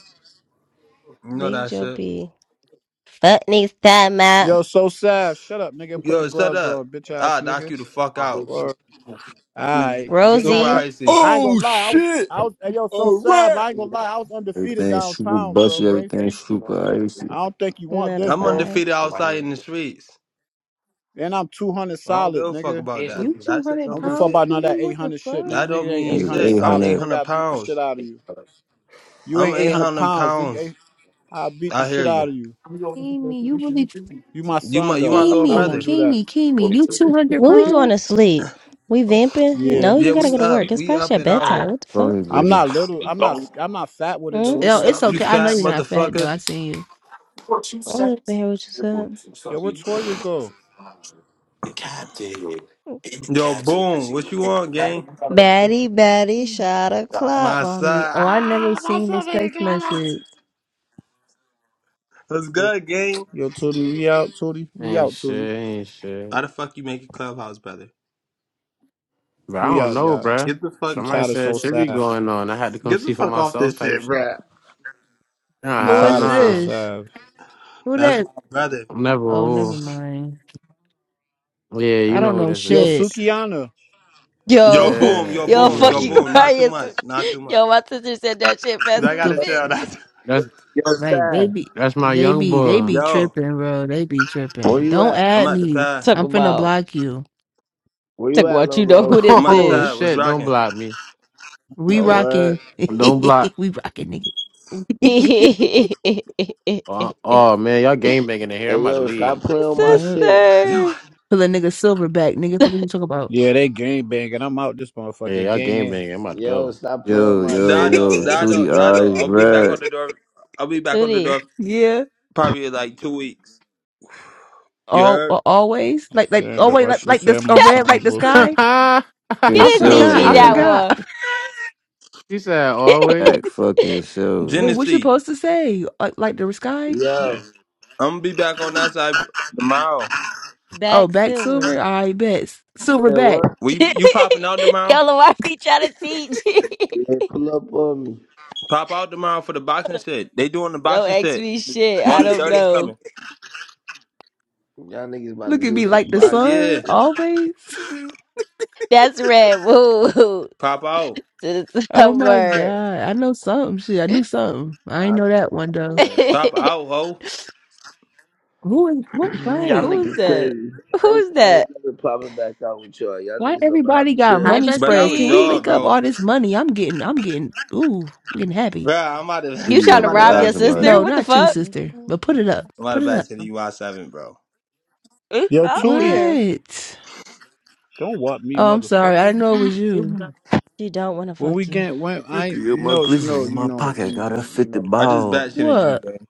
S2: You know
S18: Big
S2: that
S18: Joe
S2: shit.
S18: B. Fuck needs that Matt.
S12: Yo, so sad. Shut up, nigga. Put the
S2: Yo, shut
S12: gloves on,
S2: up.
S12: bitch ass
S2: I'll knock you
S12: nigga.
S2: the fuck out.
S12: Or alright, getting
S2: Super
S12: out
S18: Rosie,
S12: up.
S2: icy.
S12: I ain't
S17: Oh
S12: gonna lie. I was,
S17: shit!
S12: I was. Hey, yo, so
S17: All
S12: sad.
S17: right.
S12: I ain't gonna lie. I was undefeated
S19: Everything super
S12: downtown, bro.
S19: busted, everything
S12: Gangster.
S19: super icy.
S12: I don't think you want this,
S2: I'm
S12: bro.
S18: notified.
S2: undefeated outside in the streets.
S12: And I'm two hundred
S2: I don't give
S12: solid,
S2: a fuck
S12: nigga.
S2: about that.
S6: You two
S2: That shit
S6: hundred
S12: I'm
S2: don't
S12: gonna
S2: mean
S12: fuck
S6: pounds,
S2: shit.
S12: about none of that
S6: Kimmy?
S12: eight
S6: What the
S12: hundred shit, nigga.
S2: That
S6: fuck?
S12: Nigga
S2: don't
S12: ain't
S2: mean
S12: eight hundred
S2: shit.
S19: Niggas
S2: I'm
S12: solid,
S19: 800,
S12: nigga.
S2: 800
S12: I beat the
S2: pounds.
S12: shit out of you. You
S2: I'm
S12: ain't eight hundred
S2: 800
S12: pounds, nigga.
S2: pounds.
S12: I'll beat the
S2: I hear
S12: shit out
S2: you.
S12: of you.
S6: Kimmy, you really
S12: You my
S2: You my,
S12: son
S2: you my
S12: though.
S2: little
S12: I
S6: Kimi,
S12: won't
S2: brother.
S12: do that.
S6: Kimi, Kimi, you 200
S18: When we going
S6: pounds?
S18: to sleep? We vamping? You
S12: Yeah.
S18: know,
S2: Yeah,
S18: you gotta go
S2: we
S18: to
S2: up.
S18: work. It's
S2: We
S18: past
S2: up
S18: your
S2: and out
S18: bedtime.
S2: here.
S18: What the
S19: call
S18: fuck?
S19: me
S12: I'm
S19: gritty.
S12: not little. I'm not I'm not fat with it
S18: Hmm?
S12: though,
S6: No, it's
S12: Tootie.
S2: You
S6: okay. I know
S2: fat
S6: you're not fat, though.
S2: motherfucker.
S6: I seen
S18: I don't even hear what you said.
S12: Yo, where Toya go?
S14: The captain. In the
S2: Yo,
S14: captain, because
S2: boom.
S14: you
S2: What
S14: know.
S2: you want, gang?
S18: Batty, batty,
S6: you.
S18: shot o'clock.
S2: My
S6: Call me.
S2: son.
S6: Oh, I never
S2: Ah, my
S6: seen
S2: son
S6: this
S2: made a
S6: text
S2: clubhouse.
S6: message.
S2: What's good, gang?
S12: Yo, Tootie, we out, Tootie. We
S20: Ain't
S12: out, Tootie.
S20: shit, ain't shit.
S2: How the fuck you make a clubhouse, brother?
S20: But I
S12: We
S20: don't
S12: out,
S20: know,
S12: y'all.
S20: bruh.
S2: Get the fuck
S12: I'm
S20: Somebody
S12: tired of
S20: said
S12: so
S20: shit be
S12: sad.
S20: going on. I had to come
S2: Get the
S20: see for
S2: fuck off
S20: myself
S2: this
S20: type
S2: shit,
S20: shit.
S2: bruh.
S20: Nah,
S12: I'm
S6: Who
S20: hell
S6: is
S12: tired of so
S20: nah.
S6: this?
S12: sad.
S6: Who
S2: That's my
S6: that?
S2: brother.
S20: I'm never
S6: Oh, never
S20: who.
S6: mind.
S20: Yeah, you
S6: I don't
S20: know who
S6: know
S20: this
S12: Yo,
S6: shit.
S20: is.
S12: Sukiana.
S2: Yo,
S18: Yo,
S2: boom,
S18: [laughs]
S2: yo,
S20: Yeah,
S18: yo,
S20: you
S2: boom,
S20: know
S2: yo,
S20: who
S18: fucking
S20: this
S2: boom. Not
S20: is.
S2: too
S18: crying.
S2: much, not too much.
S18: Yo, my sister said that shit
S6: [laughs]
S18: fast
S2: I
S18: as a
S2: gotta
S6: the
S2: chill.
S18: bitch.
S6: fuck?
S2: Not too-
S20: That's
S21: Yo,
S6: Like, they
S21: Stan.
S6: be,
S20: that's my
S6: they
S20: young
S6: be, they
S20: boy.
S6: be
S2: yo,
S6: tripping, bro. They be
S21: where
S6: tripping.
S21: you
S6: Don't
S21: at?
S2: I'm
S6: add
S2: at the
S6: me.
S2: pad.
S18: Talk
S6: I'm finna
S18: about.
S6: block you.
S21: Where
S18: Talk
S21: you at,
S18: about
S21: little
S18: you know
S20: [laughs]
S18: who
S21: bro?
S18: this
S2: I'm at the
S20: Oh
S2: pad.
S18: is.
S2: What's
S20: shit, don't
S2: rocking?
S20: block me.
S6: We
S21: A
S6: rocking.
S21: word.
S6: [laughs]
S20: Don't block.
S6: we rocking, nigga. [laughs]
S20: Oh, oh, man, y'all
S18: [laughs]
S20: game banging in here. I'm
S21: Hey,
S20: about to
S21: yo, stop
S20: leave.
S21: playing on my
S6: yup.
S21: shit.
S2: [laughs] Yo,
S18: Sister.
S6: Pull a nigga silver back, nigga. Fuck you talk about?
S12: Yeah, they gang banging. I'm out this
S20: Yeah,
S12: motherfucker
S20: y'all game
S12: ganging.
S20: banging. I'm about to
S21: Yo,
S20: go.
S21: stop playing on
S19: Yo,
S21: my
S19: yo,
S21: shit,
S2: Dado,
S19: yo,
S21: man.
S19: Two
S2: Dado,
S19: D
S2: Dado.
S19: eyes,
S2: I'll
S6: [laughs]
S2: be back on
S19: red,
S2: the door. I'll be back on the
S18: Tootie.
S2: door
S6: Yeah,
S2: probably in like two weeks. You
S6: all
S2: heard?
S6: a- always
S12: I'm
S6: like like
S12: saying though,
S6: always
S12: why
S6: like,
S12: she
S6: like this
S12: said
S6: a
S12: my
S18: [laughs]
S6: red like
S12: songs
S6: the
S12: with me.
S6: sky.
S18: You
S19: fucking
S6: I
S18: didn't
S2: Yo,
S18: teach
S6: forgot.
S18: me
S6: I
S2: hey,
S18: that
S19: silver.
S20: [laughs]
S6: forgot.
S18: one.
S20: he said
S6: [laughs]
S19: Act
S20: always.
S19: fucking
S6: Wait, what
S19: silver.
S6: you
S2: Genesee.
S6: supposed to say? Like like the sky?
S21: Yo,
S2: I'm gonna be back on that side tomorrow.
S6: Oh,
S18: Back
S6: back
S18: silver.
S6: silver. I bet silver
S21: say
S6: back.
S21: what?
S18: [laughs]
S2: We you popping out tomorrow?
S18: Yellow, why be trying to teach? [laughs]
S21: Yeah, pull up on me.
S2: Pop out tomorrow for the boxing shit. They doing the
S18: Don't
S2: boxing
S18: ask
S2: shit.
S18: me shit.
S2: All
S18: I
S2: the
S18: don't
S2: dirty's
S6: [laughs]
S18: know.
S2: coming.
S21: Y'all niggas about to
S6: Look at
S21: do
S6: me like
S21: some
S6: the
S21: boxing
S2: Yeah.
S6: sun
S21: shit.
S6: always. [laughs]
S18: That's red. Woo. [laughs]
S2: Pop out.
S18: To the
S6: Oh my
S18: summer.
S6: God, I know something. Shit, I knew something. I ain't
S21: I'll
S6: know
S21: be
S6: that
S21: around
S6: one
S21: the
S6: though.
S21: way.
S2: Pop
S18: [laughs]
S2: out, ho.
S6: Who is
S21: [clears throat]
S6: what?
S21: y'all
S6: Wait,
S18: Who's
S21: niggas
S18: that?
S21: crazy. I
S18: Who's
S21: ain't, I ain't
S18: that?
S21: never popping back out with y'all. Y'all
S6: why
S21: niggas don't know how to
S6: everybody got
S21: chill.
S13: Hi,
S6: money
S2: But I
S6: spreads?
S2: was
S6: Can we
S13: bestie.
S2: jaw,
S6: link up
S2: bro.
S6: all this money? I'm getting. I'm getting. Ooh, I'm getting happy.
S2: Bro, I'm out of
S19: Two
S18: You
S19: D
S2: [laughs] I'm
S18: trying to
S19: ready to
S2: about to [laughs]
S18: rob
S19: ride
S18: your
S2: back to
S18: sister?
S19: somebody.
S6: No,
S2: you.
S18: What the
S6: not you,
S13: My
S18: fuck?
S13: name's
S6: sister. But put
S13: Suki.
S6: it up.
S2: I'm out
S6: Put
S2: of
S6: it
S2: back
S6: up.
S2: to you Y seven, bro.
S12: Yo,
S18: Up
S12: Tootie,
S18: there.
S6: What?
S12: don't want me,
S6: Oh, I'm sorry. I didn't
S12: motherfucker.
S6: know it
S13: [clears throat]
S6: was you.
S19: 50
S18: She don't want to
S12: When we
S18: fuck you.
S12: get when I,
S19: in
S12: you
S19: my
S12: know, you know,
S19: glizzy in
S12: you
S19: my
S12: know,
S19: pocket,
S12: you
S19: got a
S12: know, you
S19: 50
S12: know,
S2: I just
S12: you
S19: ball.
S2: back
S12: know.
S2: shitted you,
S6: What?
S2: gang.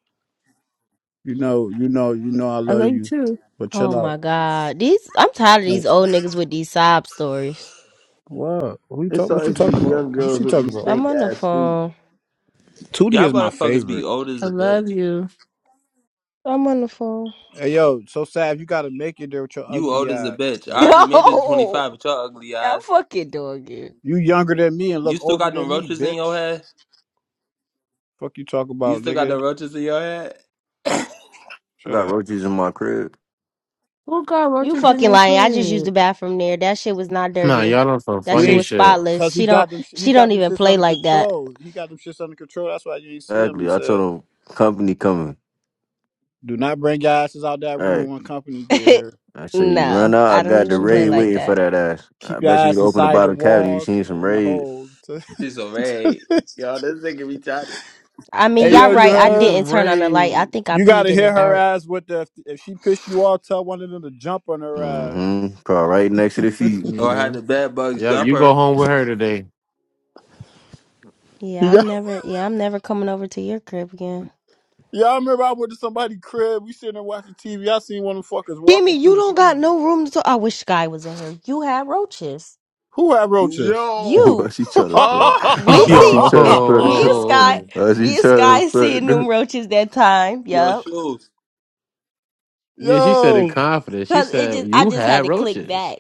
S12: You know, you know, you know I
S6: I
S12: love
S6: like you
S12: you,
S6: too.
S12: but
S18: Oh
S12: chill
S18: my
S12: out.
S18: God. These I'm tired of
S12: Like,
S18: these old niggas with these sob stories.
S12: What? Who you
S21: It's
S12: talk? What you
S21: always
S12: talking
S21: these
S12: about?
S21: young
S12: What
S21: girls
S12: she
S21: with
S12: talking
S21: these
S12: about?
S18: I'm
S21: stink
S18: on the
S21: ass feet.
S18: phone.
S12: Tootie
S2: Y'all
S12: is my
S2: motherfuckers be
S12: favorite.
S2: old as
S6: I
S2: a bitch.
S6: love you.
S18: I'm on the phone.
S12: Hey yo, so Sav, you gotta make it there with your
S2: You
S12: ugly
S2: old as a
S12: ass,
S2: bitch.
S18: [laughs]
S2: I
S12: bitch.
S2: already made it to twenty
S18: Yo,
S2: five with your ugly
S18: y'all
S2: eyes.
S18: fucking dog it.
S12: You younger than me and
S2: You
S12: look
S2: still
S12: older
S2: got them
S12: than me,
S2: roaches in your
S12: bitch.
S2: head?
S12: Fuck you talk
S2: You
S12: about,
S2: still got
S12: nigga.
S2: them roaches in your head?
S19: I
S12: Shut
S19: got
S12: up.
S19: roaches in my crib.
S6: Who got
S18: You
S6: roaches in
S18: fucking
S6: their
S18: lying. I just used the
S6: crib?
S18: bathroom there. That shit was not
S20: Nah,
S18: dirty.
S20: y'all on some
S18: That
S12: You
S18: shit
S20: funny
S12: ain't
S18: was
S20: shit.
S18: spotless.
S12: cause he
S18: She don't
S12: got them. sh- He
S18: she
S12: got
S18: don't
S12: them
S18: even
S12: shits
S18: play
S12: under
S18: like that.
S12: control. He got them shits under control. That's why you ain't see him. He
S19: Exactly, I told
S12: said,
S19: him, company coming.
S12: "Do not bring your asses out that room
S19: Alright.
S12: when company get
S18: [laughs]
S12: here.
S19: I said, you run
S18: no,
S19: out, I
S18: I don't
S19: got the
S18: even play
S19: raid
S18: like
S6: Shit.
S19: waiting for
S18: that.
S19: that ass. I
S12: Keep your
S19: bet you could
S12: ass
S19: open the
S12: inside the
S19: bottom cabinet, you
S12: walls
S19: seen some
S12: and in the
S19: raid.
S12: holes."
S2: She's a raid.
S12: [laughs]
S2: Yo, this nigga retarded.
S18: I mean,
S12: Hey
S20: He
S18: y'all
S12: yo,
S20: said
S12: you
S18: right.
S20: you
S18: I
S20: need
S12: heard?
S20: some
S18: didn't turn on the light. I
S20: rain.
S18: think I
S12: You
S18: peed
S12: gotta
S18: in the
S12: hit her
S18: dark.
S12: ass with the if she piss you off, tell one of them to jump on her ass.
S19: hmm Car right next to the feet.
S2: Or I
S20: hmm
S2: had the bad bugs
S20: Yep, you go
S2: jumper.
S20: home with her today.
S18: Yeah,
S12: You
S18: I'm
S12: got
S18: never yeah, I'm never coming over to your crib again.
S12: [laughs] yeah, I remember I went to somebody's crib, we sitting there watching TV. I seen one of them fuckers walking
S18: Kimmy, you
S12: through the
S18: don't got
S12: street.
S18: no room to talk. I wish Sky was in here. You had roaches.
S12: Who had roaches?
S19: [laughs] Yo,
S2: Yo.
S19: why
S18: You.
S19: she
S12: [laughs]
S19: trying to each other, friend.
S20: [laughs]
S18: We
S2: Oh
S19: trying
S18: see
S19: to other, friend.
S18: me and Sky.
S20: Yo.
S18: Me
S19: That's [laughs] trying
S18: and Sky
S19: to
S18: seeing them
S19: friend.
S18: roaches that time.
S2: [laughs] Yo
S18: Yup.
S2: shoes.
S20: Yeah, she said it
S12: yo.
S20: confident. She
S18: Cause it
S20: said
S18: just I
S20: you
S18: just had
S20: had
S18: to click
S20: roaches.
S18: back.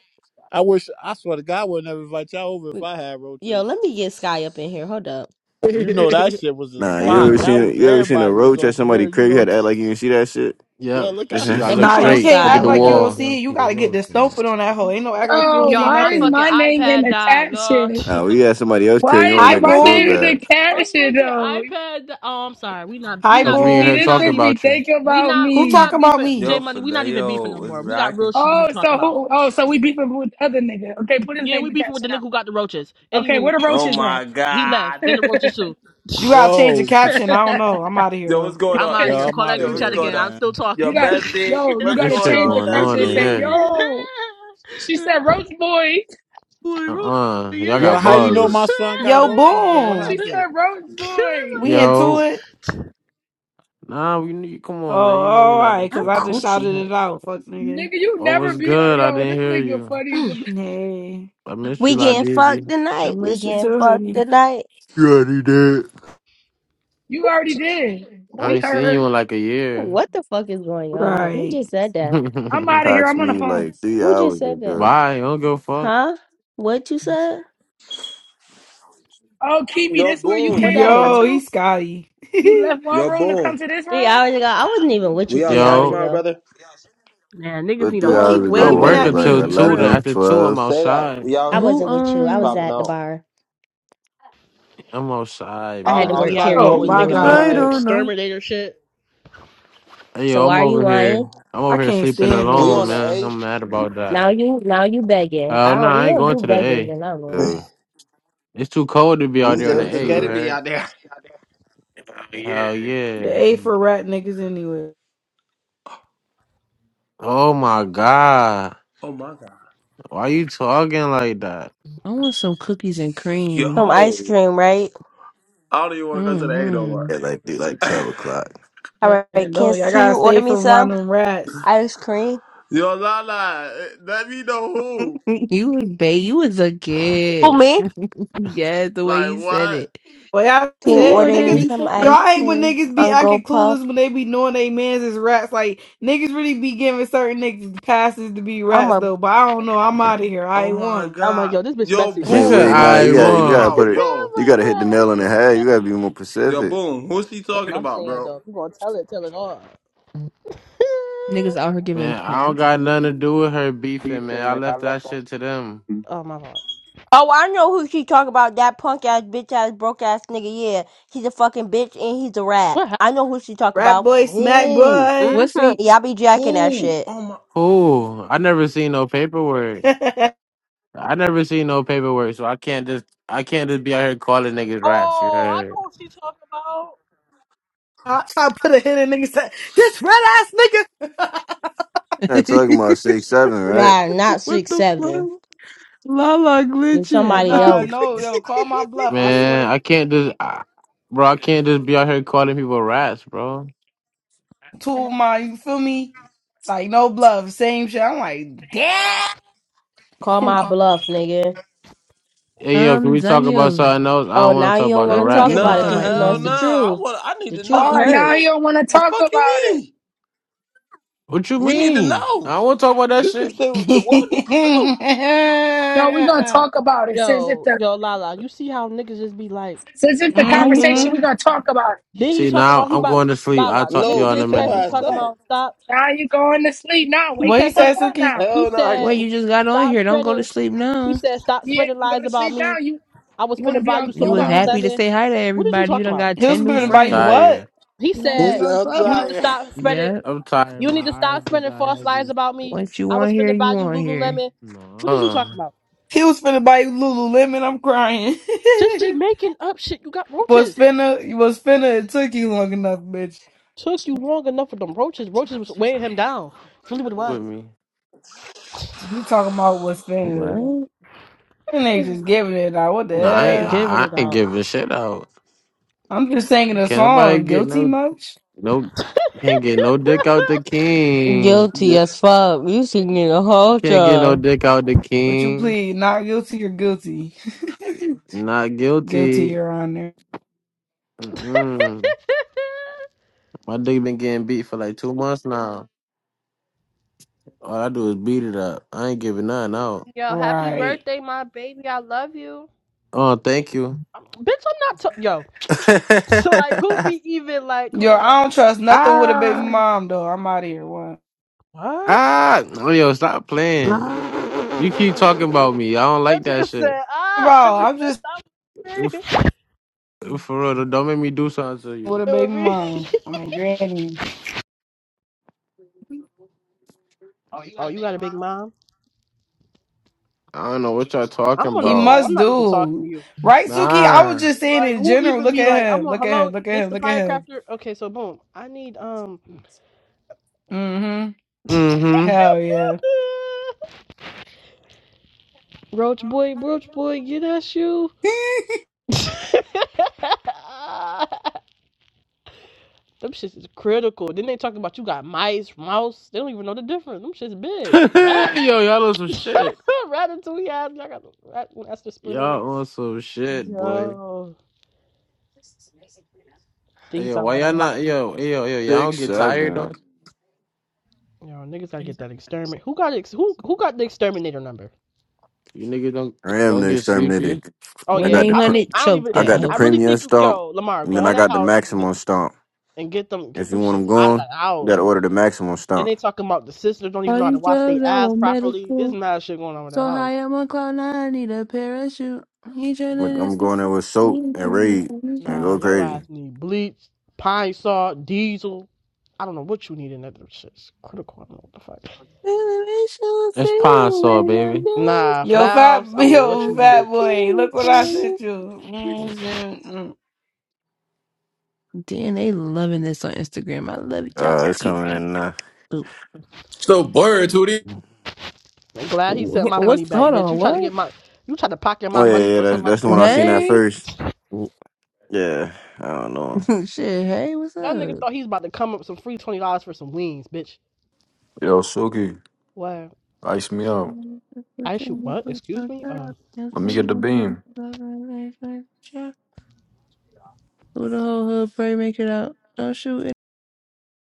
S12: I wish I swear to God I would never invite y'all over if I had
S18: Yo,
S12: roaches.
S18: let me get Sky up in here. Hold up.
S12: You know that
S16: [laughs]
S12: shit was a
S19: Nah,
S18: Hold
S19: you
S12: spot.
S19: ever
S18: up.
S12: That
S19: seen
S12: was
S19: you ever seen a
S12: everybody was
S19: roach at
S12: over
S19: somebody
S12: there. You
S19: crib? You
S12: know,
S19: had to act like you didn't see that shit.
S12: [laughs] yo,
S20: Yep.
S12: look
S19: That's
S12: out.
S20: You gotta
S18: Let
S19: what-
S18: me
S20: look
S22: Nah,
S18: call
S22: you
S19: I'm-
S20: straight.
S22: can't
S16: You
S20: Look
S18: Sky.
S20: at
S22: act
S20: the
S16: can't
S18: Hold
S22: like
S16: act
S22: you
S18: up.
S16: like
S22: don't
S20: wall.
S16: you
S22: see
S16: don't
S22: it. You
S16: see the
S22: gotta get
S16: road,
S22: this
S16: man.
S22: stomping on that hoe. Ain't no act like you
S23: Oh,
S22: don't see
S1: Y'all,
S23: why
S1: my
S23: is
S22: nothing.
S1: fucking
S23: my name in
S1: iPad
S23: the
S1: died, y'all.
S23: caption?
S19: [laughs] nah, we
S1: [laughs]
S19: had somebody else crib.
S23: Why
S19: You don't
S23: is
S19: want
S22: Hi,
S23: your-
S19: to make us
S23: my
S19: feel
S23: name
S22: boom.
S23: in
S19: bad.
S23: the
S1: my
S23: caption
S1: fucking
S23: though?
S1: iPad. di- Oh, I'm sorry. We not. We
S22: Hi,
S20: Cause
S1: not
S20: we
S1: beef.
S20: in
S23: See,
S20: here
S22: boom.
S1: We
S23: this
S1: not
S20: talking
S23: bitch
S1: beef.
S23: be
S20: about you.
S23: thinking
S1: We
S23: about
S1: not
S22: Who
S1: we
S23: me.
S1: not
S22: talking about
S1: beefing J
S2: Yo,
S22: me?
S1: Money. We not
S2: filet
S1: even beefing no
S2: was
S1: more. We got real
S2: rocking.
S1: shit to be
S23: Oh,
S1: talking
S23: so
S1: about.
S23: who? Oh, so we beefing with the other nigga. Okay, put his
S1: Yeah,
S23: name
S1: we
S23: in the
S1: beefing with the
S23: caption
S1: nigga
S23: out.
S1: who got the roaches.
S23: Okay,
S1: Anywho,
S23: where the
S2: Oh
S23: roaches at?
S2: my
S1: he left
S2: God.
S1: and the roaches too.
S22: You gotta change the
S12: Yo,
S22: caption. I don't know.
S23: [laughs]
S22: I'm out of here
S2: Yo, what's
S22: though.
S2: going
S1: I'm
S2: on?
S1: out of here.
S12: yo, I'm
S1: Call that
S12: out of
S2: Yo,
S1: group
S2: what's
S1: chat
S12: here,
S2: going
S1: again.
S2: on?
S1: I'm still
S12: man.
S2: Yo,
S23: you
S1: talking. [laughs]
S23: got
S2: bestie.
S23: yo. You
S2: What's
S23: got
S20: This
S23: to
S2: going
S20: shit
S23: change
S2: on,
S23: the
S20: going
S1: I'm
S23: caption.
S20: on
S23: And
S1: still
S20: in
S23: say
S2: bestie?
S20: here.
S1: talking. [laughs]
S23: yo. She said roach boy.
S1: Boy, roach,
S20: Uh-uh.
S1: yeah,
S20: Y'all
S12: Yo,
S20: got
S1: that's
S12: how
S1: you. [laughs]
S12: you know my
S20: bugs.
S12: son got
S22: Yo,
S12: roaches though? What
S23: She
S22: boom.
S12: happened?
S23: said roach
S1: oh
S23: boy.
S1: my
S22: We
S1: god.
S22: into
S20: Yo.
S22: it.
S20: Nah, we need come
S22: Oh,
S20: on, man. You know we
S22: all
S20: not up
S22: right.
S18: I'm
S22: Cause
S20: to
S22: I just
S20: it.
S18: coochie
S22: shouted it
S18: hurt.
S22: out. Fuck nigga.
S23: Nigga, you
S20: Oh,
S23: never
S20: what's
S23: be oh,
S20: good? I
S23: yo. This
S20: didn't hear
S23: nigga
S20: you.
S23: funny. as
S18: [clears throat]
S23: a-
S22: Nay,
S20: I missed you,
S18: we
S20: La
S18: getting
S20: Dizzy.
S18: fucked
S22: I
S18: tonight. We
S22: miss you
S18: getting
S22: too,
S18: fucked
S22: honey.
S18: tonight.
S19: You already did.
S23: You already did.
S20: I
S18: What
S23: We
S20: ain't seen you
S23: heard.
S20: in like a year.
S18: what the fuck is going on here? Who
S22: Right.
S18: just said
S20: [laughs]
S18: that?
S20: Why?
S23: I'm out of here. I'm on the
S19: Approximately
S23: phone.
S19: like three
S18: Who just
S19: hours
S18: said that?
S19: ago.
S20: I don't give a fuck.
S18: Huh? What you said?
S23: Oh, Kimi,
S2: Yo,
S23: this where
S22: [laughs]
S23: you
S18: What
S2: boom.
S23: came
S18: that
S23: over
S18: mean?
S22: Yo,
S23: to?
S22: he's Scotty.
S23: You
S22: [laughs]
S23: left one
S2: Yo,
S23: room to
S2: boom.
S23: come to this
S18: Three
S23: room?
S18: hours ago, I wasn't even with you
S2: We
S18: three
S2: outside
S18: hours
S20: Yo,
S2: tomorrow,
S18: ago.
S2: brother.
S1: Man, niggas
S19: What
S1: need a
S19: three
S22: Who
S1: whole
S22: keep
S19: hours
S20: I
S19: ago
S22: waving
S1: exterminator.
S20: work
S19: was
S22: at
S19: like
S1: Shit
S20: until
S1: getting
S22: me?
S20: two. Then
S1: real.
S19: Eleven,
S20: after two, I'm
S19: twelve.
S2: Say that.
S20: outside.
S2: We out
S18: I
S2: here.
S6: Who
S18: wasn't with you. I
S2: You
S18: was
S6: um
S2: popping
S18: at the
S2: out.
S18: bar.
S20: I'm outside,
S18: I had to
S1: Niggas
S2: Our,
S1: be
S18: work
S20: man.
S2: outside
S22: Oh
S1: having
S18: karaoke
S2: always
S22: my
S2: been
S1: niggas
S19: Mm,
S2: our
S1: be
S18: Wednesday.
S1: on
S19: I
S1: the
S22: god.
S2: location.
S19: don't know.
S1: exterminator shit.
S20: Hey,
S18: So
S20: yo, I'm
S18: why are you
S20: over
S18: lying?
S20: here. I'm
S22: I
S20: over here
S22: can't
S20: sleeping
S22: stand
S2: We
S20: alone,
S2: on the
S22: niggas.
S20: man.
S2: A.
S20: I'm mad about that.
S18: Now you now you begging. I
S20: Hell no,
S18: don't we
S20: I ain't
S18: don't
S20: going
S18: do
S20: to the
S18: begging
S20: A.
S18: in our room.
S19: So,
S20: It's too cold to be
S19: let
S2: He
S20: out
S19: me
S20: there on the
S2: said
S19: go
S2: it's
S20: A.
S2: okay
S20: You
S19: to
S2: to
S19: it.
S2: be
S20: heard?
S2: out there.
S19: Oh
S20: Hell
S22: The
S20: yeah.
S22: A for
S19: yeah.
S22: rat niggas anyway.
S20: Oh my god.
S2: Oh my God.
S20: Why you talking like that?
S6: I want some cookies and cream.
S18: Some ice
S2: Yo.
S18: cream, right?
S2: I don't even want to go to the A no
S6: Mm-hmm.
S2: more.
S19: At like three, like twelve o'clock.
S18: All right,
S22: And
S18: can
S22: don't y'all
S18: can
S22: gotta
S18: you order
S22: stay
S18: me
S22: from
S18: some
S22: around them rats.
S18: ice cream?
S2: Yo, Lala, eh, let me know who.
S6: [laughs] You was babe, you was a
S18: For
S6: kid.
S18: me?
S6: [laughs] yes, the way
S2: Like,
S6: you said
S2: what?
S6: it.
S22: But y'all
S18: Can
S6: Can
S18: you
S6: you
S22: said
S18: order
S6: order
S18: me
S6: me
S22: niggas
S18: some
S6: some
S18: ice
S6: ice
S22: y'all hate
S6: cream?
S22: when
S18: cream?
S22: niggas be acting
S18: Uncle Puff.
S22: clueless when they be knowing they mans is rats. Like niggas really be giving certain niggas passes to be
S18: I'm
S22: rats
S18: a
S22: though. But I don't know. I'm out of here. I
S2: Oh
S22: ain't
S2: my
S22: one.
S1: I'm like,
S2: god.
S1: yo, this bitch
S2: Yo,
S1: messy. She
S20: She
S1: be
S19: Like,
S1: talking
S20: said
S2: boom,
S19: wait,
S1: about
S2: who's
S1: all
S19: nah,
S1: the
S2: he
S20: I
S19: you
S1: tea.
S19: gotta, you
S2: talking
S19: gotta
S1: [laughs]
S20: won.
S19: put
S2: about?
S19: it,
S1: oh
S2: Yo.
S19: you
S1: my
S19: gotta hit the
S1: god,
S19: nail on
S1: she
S19: the
S1: is
S19: head. You gotta
S1: messy.
S19: be more
S2: Yo,
S19: specific.
S2: boom, who's he
S1: That's
S2: talking
S1: what I'm
S2: about,
S1: saying
S2: bro?
S1: though. If you gonna tell it, tell it all.
S6: Niggas out
S1: [laughs]
S6: here giving
S20: Man, I don't
S6: past
S20: got
S6: me?
S20: nothing to do with her beefing, man.
S1: Ethan,
S20: I
S1: man, I
S20: left that
S1: left on
S20: shit to them.
S1: Ethan. oh my god.
S18: Oh, I know who she talk about. That punk ass, bitch ass, broke ass nigga. Yeah, he's a fucking bitch and he's a rat.
S1: What happened?
S18: I know who she talk
S22: Rat
S18: about.
S22: boy, smack
S2: Who?
S22: boy.
S6: What's
S18: Mm-hmm.
S6: ain't
S18: Y'all be jacking that
S2: Who?
S18: shit.
S2: Oh my
S20: Cool. I never seen no paperwork.
S22: [laughs]
S20: I never seen no paperwork, so I can't just I can't just be out here calling niggas rats. You
S1: Oh, I
S20: heard,
S1: know what she talking about.
S22: I try to put a hit in niggas. say, This red ass nigga.
S6: [laughs]
S19: You're not talking about six seven, right?
S18: Nah, not
S6: what
S18: six
S6: the fuck?
S18: seven.
S6: Lala
S18: It's
S6: glitching. [laughs]
S22: And,
S18: somebody
S6: Lala
S22: Uh, Nah,
S18: else.
S22: no, yo, call my bluff. I
S6: glitching.
S22: swear to
S20: man?
S22: God,
S20: I can't just, I, bro. I can't just be out here calling people rats, bro.
S22: two of my, you feel me? It's like no bluff, same shit. I'm like, damn.
S18: Call my
S22: [laughs]
S18: bluff, nigga.
S20: Hey, yo, can
S6: Tom
S20: we talk about
S6: Daniel.
S20: something else? I
S18: Oh,
S20: don't want
S18: now
S20: to talk
S18: you don't
S20: about
S6: Look
S18: want
S20: no
S6: at
S18: to
S6: it
S18: talk
S20: rats,
S6: again
S18: about
S6: with
S18: it
S20: though.
S6: the
S2: Nah,
S18: because
S6: white
S18: you know
S2: hell
S18: it's the
S2: nah.
S6: vans.
S2: I
S18: truth.
S2: want I need
S18: The
S2: to
S18: truth
S2: know,
S23: Oh, now
S2: gang.
S23: you
S18: hurts.
S23: don't want to
S2: The
S23: talk
S2: fuck you
S23: about it.
S2: mean?
S20: What you
S2: We need to
S20: mean? I
S2: know.
S20: don't want to talk about that
S2: This some
S20: shit.
S2: shit
S22: [laughs]
S2: the
S22: hmm
S2: world need to know.
S23: No, we're gonna talk about it. Since it's
S1: Yo,
S23: the
S1: yo, Lala, you see how niggas just be like
S23: since it's the
S1: lying though?
S23: conversation, we're gonna talk about it.
S1: Then he
S20: See,
S1: talking
S20: now
S1: about he
S20: I'm
S1: about
S20: going to sleep. I'll
S1: Lala. The
S20: talk to
S2: No,
S1: nigga
S20: y'all in a
S1: just
S2: get your
S1: text
S20: minute.
S1: me
S2: ass
S1: talking
S2: up.
S1: about stop.
S23: Now you going to sleep now.
S1: He
S23: Wake
S22: What
S23: the
S22: he
S1: text
S23: fuck
S1: me.
S22: said,
S23: up
S22: Suki?
S23: now.
S1: He
S2: Hell nah.
S6: Well,
S1: said
S6: you
S2: [laughs]
S6: just got on
S1: stop
S6: here. Don't go to
S1: spreading.
S6: sleep
S1: He
S6: now.
S1: said stop
S23: Yeah, You
S1: spreading
S23: ain't gonna go
S1: lies
S23: to
S1: about
S23: sleep now.
S1: me.
S23: You
S1: I was
S23: you wanna
S1: finna
S23: be
S1: buy
S23: on
S1: you some
S6: You was
S23: Clubhouse.
S6: happy to
S1: Lululemon.
S6: say hi to
S1: What did you
S6: everybody. You
S1: talking
S6: done
S1: about?
S6: got
S22: He was
S6: 10 new
S20: Yeah,
S22: finna
S20: I'm
S22: buy you
S6: friends.
S20: tired.
S22: what?
S1: He
S23: You wanna be
S2: It's
S1: said,
S23: on
S1: you need to
S23: Clubhouse.
S2: outside.
S1: stop spreading,
S6: Yep.
S20: I'm tired.
S1: you
S20: My
S1: need to
S20: eyes
S1: stop
S20: just
S1: spreading
S20: got
S1: false lies
S20: heavy.
S1: about me.
S6: Once you
S1: I
S6: on
S1: was
S6: here,
S1: finna buy
S6: you
S1: you
S6: on here.
S1: Lululemon. What did you talking
S20: No,
S1: about?
S22: He was finna buy you Lululemon. I'm crying.
S1: Just be
S22: [laughs]
S1: making up shit. You got
S22: was
S1: roaches.
S22: finna was finna. It took you long enough, bitch.
S1: Took you long enough for them roaches. Roaches was weighing him down. That's really what it was.
S20: with me.
S22: He talking about what's finna.
S6: What?
S22: And they just giving it out. What the
S20: No, I ain't. I
S22: hell?
S1: Giving
S20: I
S1: it
S20: ain't
S1: out.
S20: giving shit out.
S22: I'm just singing a
S20: Can't nobody
S22: song.
S20: get
S22: Guilty
S20: no
S22: much?
S20: no can't get no dick out the king.
S18: Guilty
S2: [laughs]
S18: as fuck. You singing the whole
S20: Can't get no
S18: time.
S20: dick out the
S22: But you
S20: king.
S22: plead not guilty or guilty?
S20: Not
S22: [laughs] guilty,
S20: guilty.
S22: Your Honor.
S20: Mm-mm.
S1: [laughs]
S20: My dick been getting beat for like two months now. All I do is beat it up. I ain't giving nothing out.
S1: Yo, happy
S22: Right.
S1: birthday, my baby. I love you.
S20: Oh, thank you.
S1: i Bitch, I'm not. T- Yo.
S20: [laughs]
S1: So, like, who be even like, come
S22: Yo,
S1: on now.
S22: I don't trust nothing with a baby
S20: ah,
S22: mom though. I'm out of here. What?
S20: ah. Oh, yo, stop playing. You keep talking
S1: What? [laughs]
S20: about me. I don't
S1: That
S20: like that
S1: nigga
S20: shit.
S1: said,
S22: Bro,
S1: ah, [laughs] this
S22: I'm
S1: is
S22: just
S1: stop me.
S20: F- For real, don't make me do something to you.
S22: with a
S1: It
S22: baby
S1: would be.
S22: mom. I mean, granny.
S1: Oh, you got a big mom?
S20: I don't know what y'all
S1: I'm
S20: talking
S1: on the
S22: He
S1: phone.
S20: about.
S1: I'm
S22: must
S1: not even talking to
S22: do.
S1: you.
S22: Right, Suki? I was
S20: Nah.
S22: just saying
S1: Like,
S22: in
S1: who
S22: general.
S1: even
S22: Look
S1: be like,
S22: at
S1: I'm
S22: him.
S1: on,
S22: Look at him.
S1: hello,
S22: Look at
S1: this
S22: him.
S1: the
S22: Look at him.
S1: pyrocopter? Okay, so boom. I need, um,
S22: Mm-hmm.
S20: Mm-hmm.
S22: Hell yeah.
S1: [laughs] Roach boy, Roach boy, get that shoe.
S22: [laughs]
S1: [laughs] Them shits is critical. Then they talking about you got mice, mouse. They don't even know the difference. Them shits
S20: [laughs]
S1: big. Rat,
S20: yo, y'all on some shit.
S1: [laughs] rat until he has. I got the rat. That's the splinter in the.
S20: Y'all
S1: bit.
S20: on some shit, boy.
S1: Yo. Then
S20: Hey,
S1: He
S20: yo,
S1: talking
S20: why
S1: about
S20: y'all
S1: somebody.
S20: not? Yo, hey, yo, yo, y'all don't
S19: Six
S20: get tired though.
S19: seven.
S1: You know, niggas gotta get that exterminate. Who got ex- who who got the exterminator number?
S20: You niggas don't
S19: I am
S20: don't
S19: the
S20: get
S19: exterminator.
S20: sleepy.
S1: Oh
S19: I
S1: yeah,
S19: got the,
S1: I
S19: pr-
S1: don't. e-
S6: 1-800
S1: I don't
S6: choke
S1: even.
S19: I
S6: that
S19: got the
S1: I
S6: hoe.
S1: really
S19: premium
S1: think you,
S19: stomp,
S1: yo Lamar
S19: and then
S1: go
S19: I
S1: in that
S19: got the
S1: house and get
S19: maximum stomp.
S1: and get them get
S19: If
S1: them
S19: you want them
S1: shits out of
S19: going,
S1: that
S19: you
S1: house.
S19: gotta order the maximum
S1: Then
S19: stomp.
S1: they talking about the sisters don't even
S6: All
S1: know how to
S6: these
S1: wash their
S6: drugs I
S1: ass
S6: want
S1: properly. It's
S6: medical.
S1: mad shit going on with that
S6: So
S1: house.
S6: high I'm on cloud nine, I need a parachute. He
S19: Like,
S1: Nah,
S6: tryna
S19: I'm going there with soap and raid and
S6: [laughs]
S1: nah,
S19: go
S1: your
S19: crazy.
S1: ass need bleach, pine saw, diesel. I don't know what you need in that shit. It's critical. I don't know what the fuck.
S6: Elevation,
S20: That's pine
S6: feel
S20: saw,
S6: when you're
S20: baby.
S1: Nah, for
S22: yo,
S6: dancing.
S1: that
S22: fat
S1: house,
S6: I
S1: I don't know what
S22: yo,
S1: you
S6: wanna
S22: fat
S1: need.
S6: stick
S22: boy.
S6: it
S22: Look what I
S6: for
S22: sent
S6: you.
S22: you. Mm-hmm.
S6: Damn, they loving this on Instagram. I love it, y'all.
S19: Uh, it's
S6: too.
S19: coming in now.
S6: Wh-
S24: So blurred, Tootie.
S1: I'm glad he sent
S6: wh-
S1: my money
S6: What's
S1: back,
S6: hold
S1: bitch.
S6: on?
S1: You try to get
S6: What?
S1: my, you try to pocket
S19: Oh
S1: my
S19: yeah,
S1: money
S19: yeah,
S1: for
S19: that's
S1: some
S19: that's the one I
S1: motherfucking
S19: seen at
S1: wings.
S6: Hey,
S19: first.
S6: [laughs]
S19: Yeah, I don't know.
S6: shit. Hey, what's
S1: That nigga
S6: up?
S1: thought he was about to come up with some free twenty dollars for some wings, bitch.
S25: Yo, Suki,
S1: What?
S25: ice me up.
S1: I shoot what? Excuse me. uh.
S25: Let me get the beam.
S6: Who the whole hood pray make it out? Don't shoot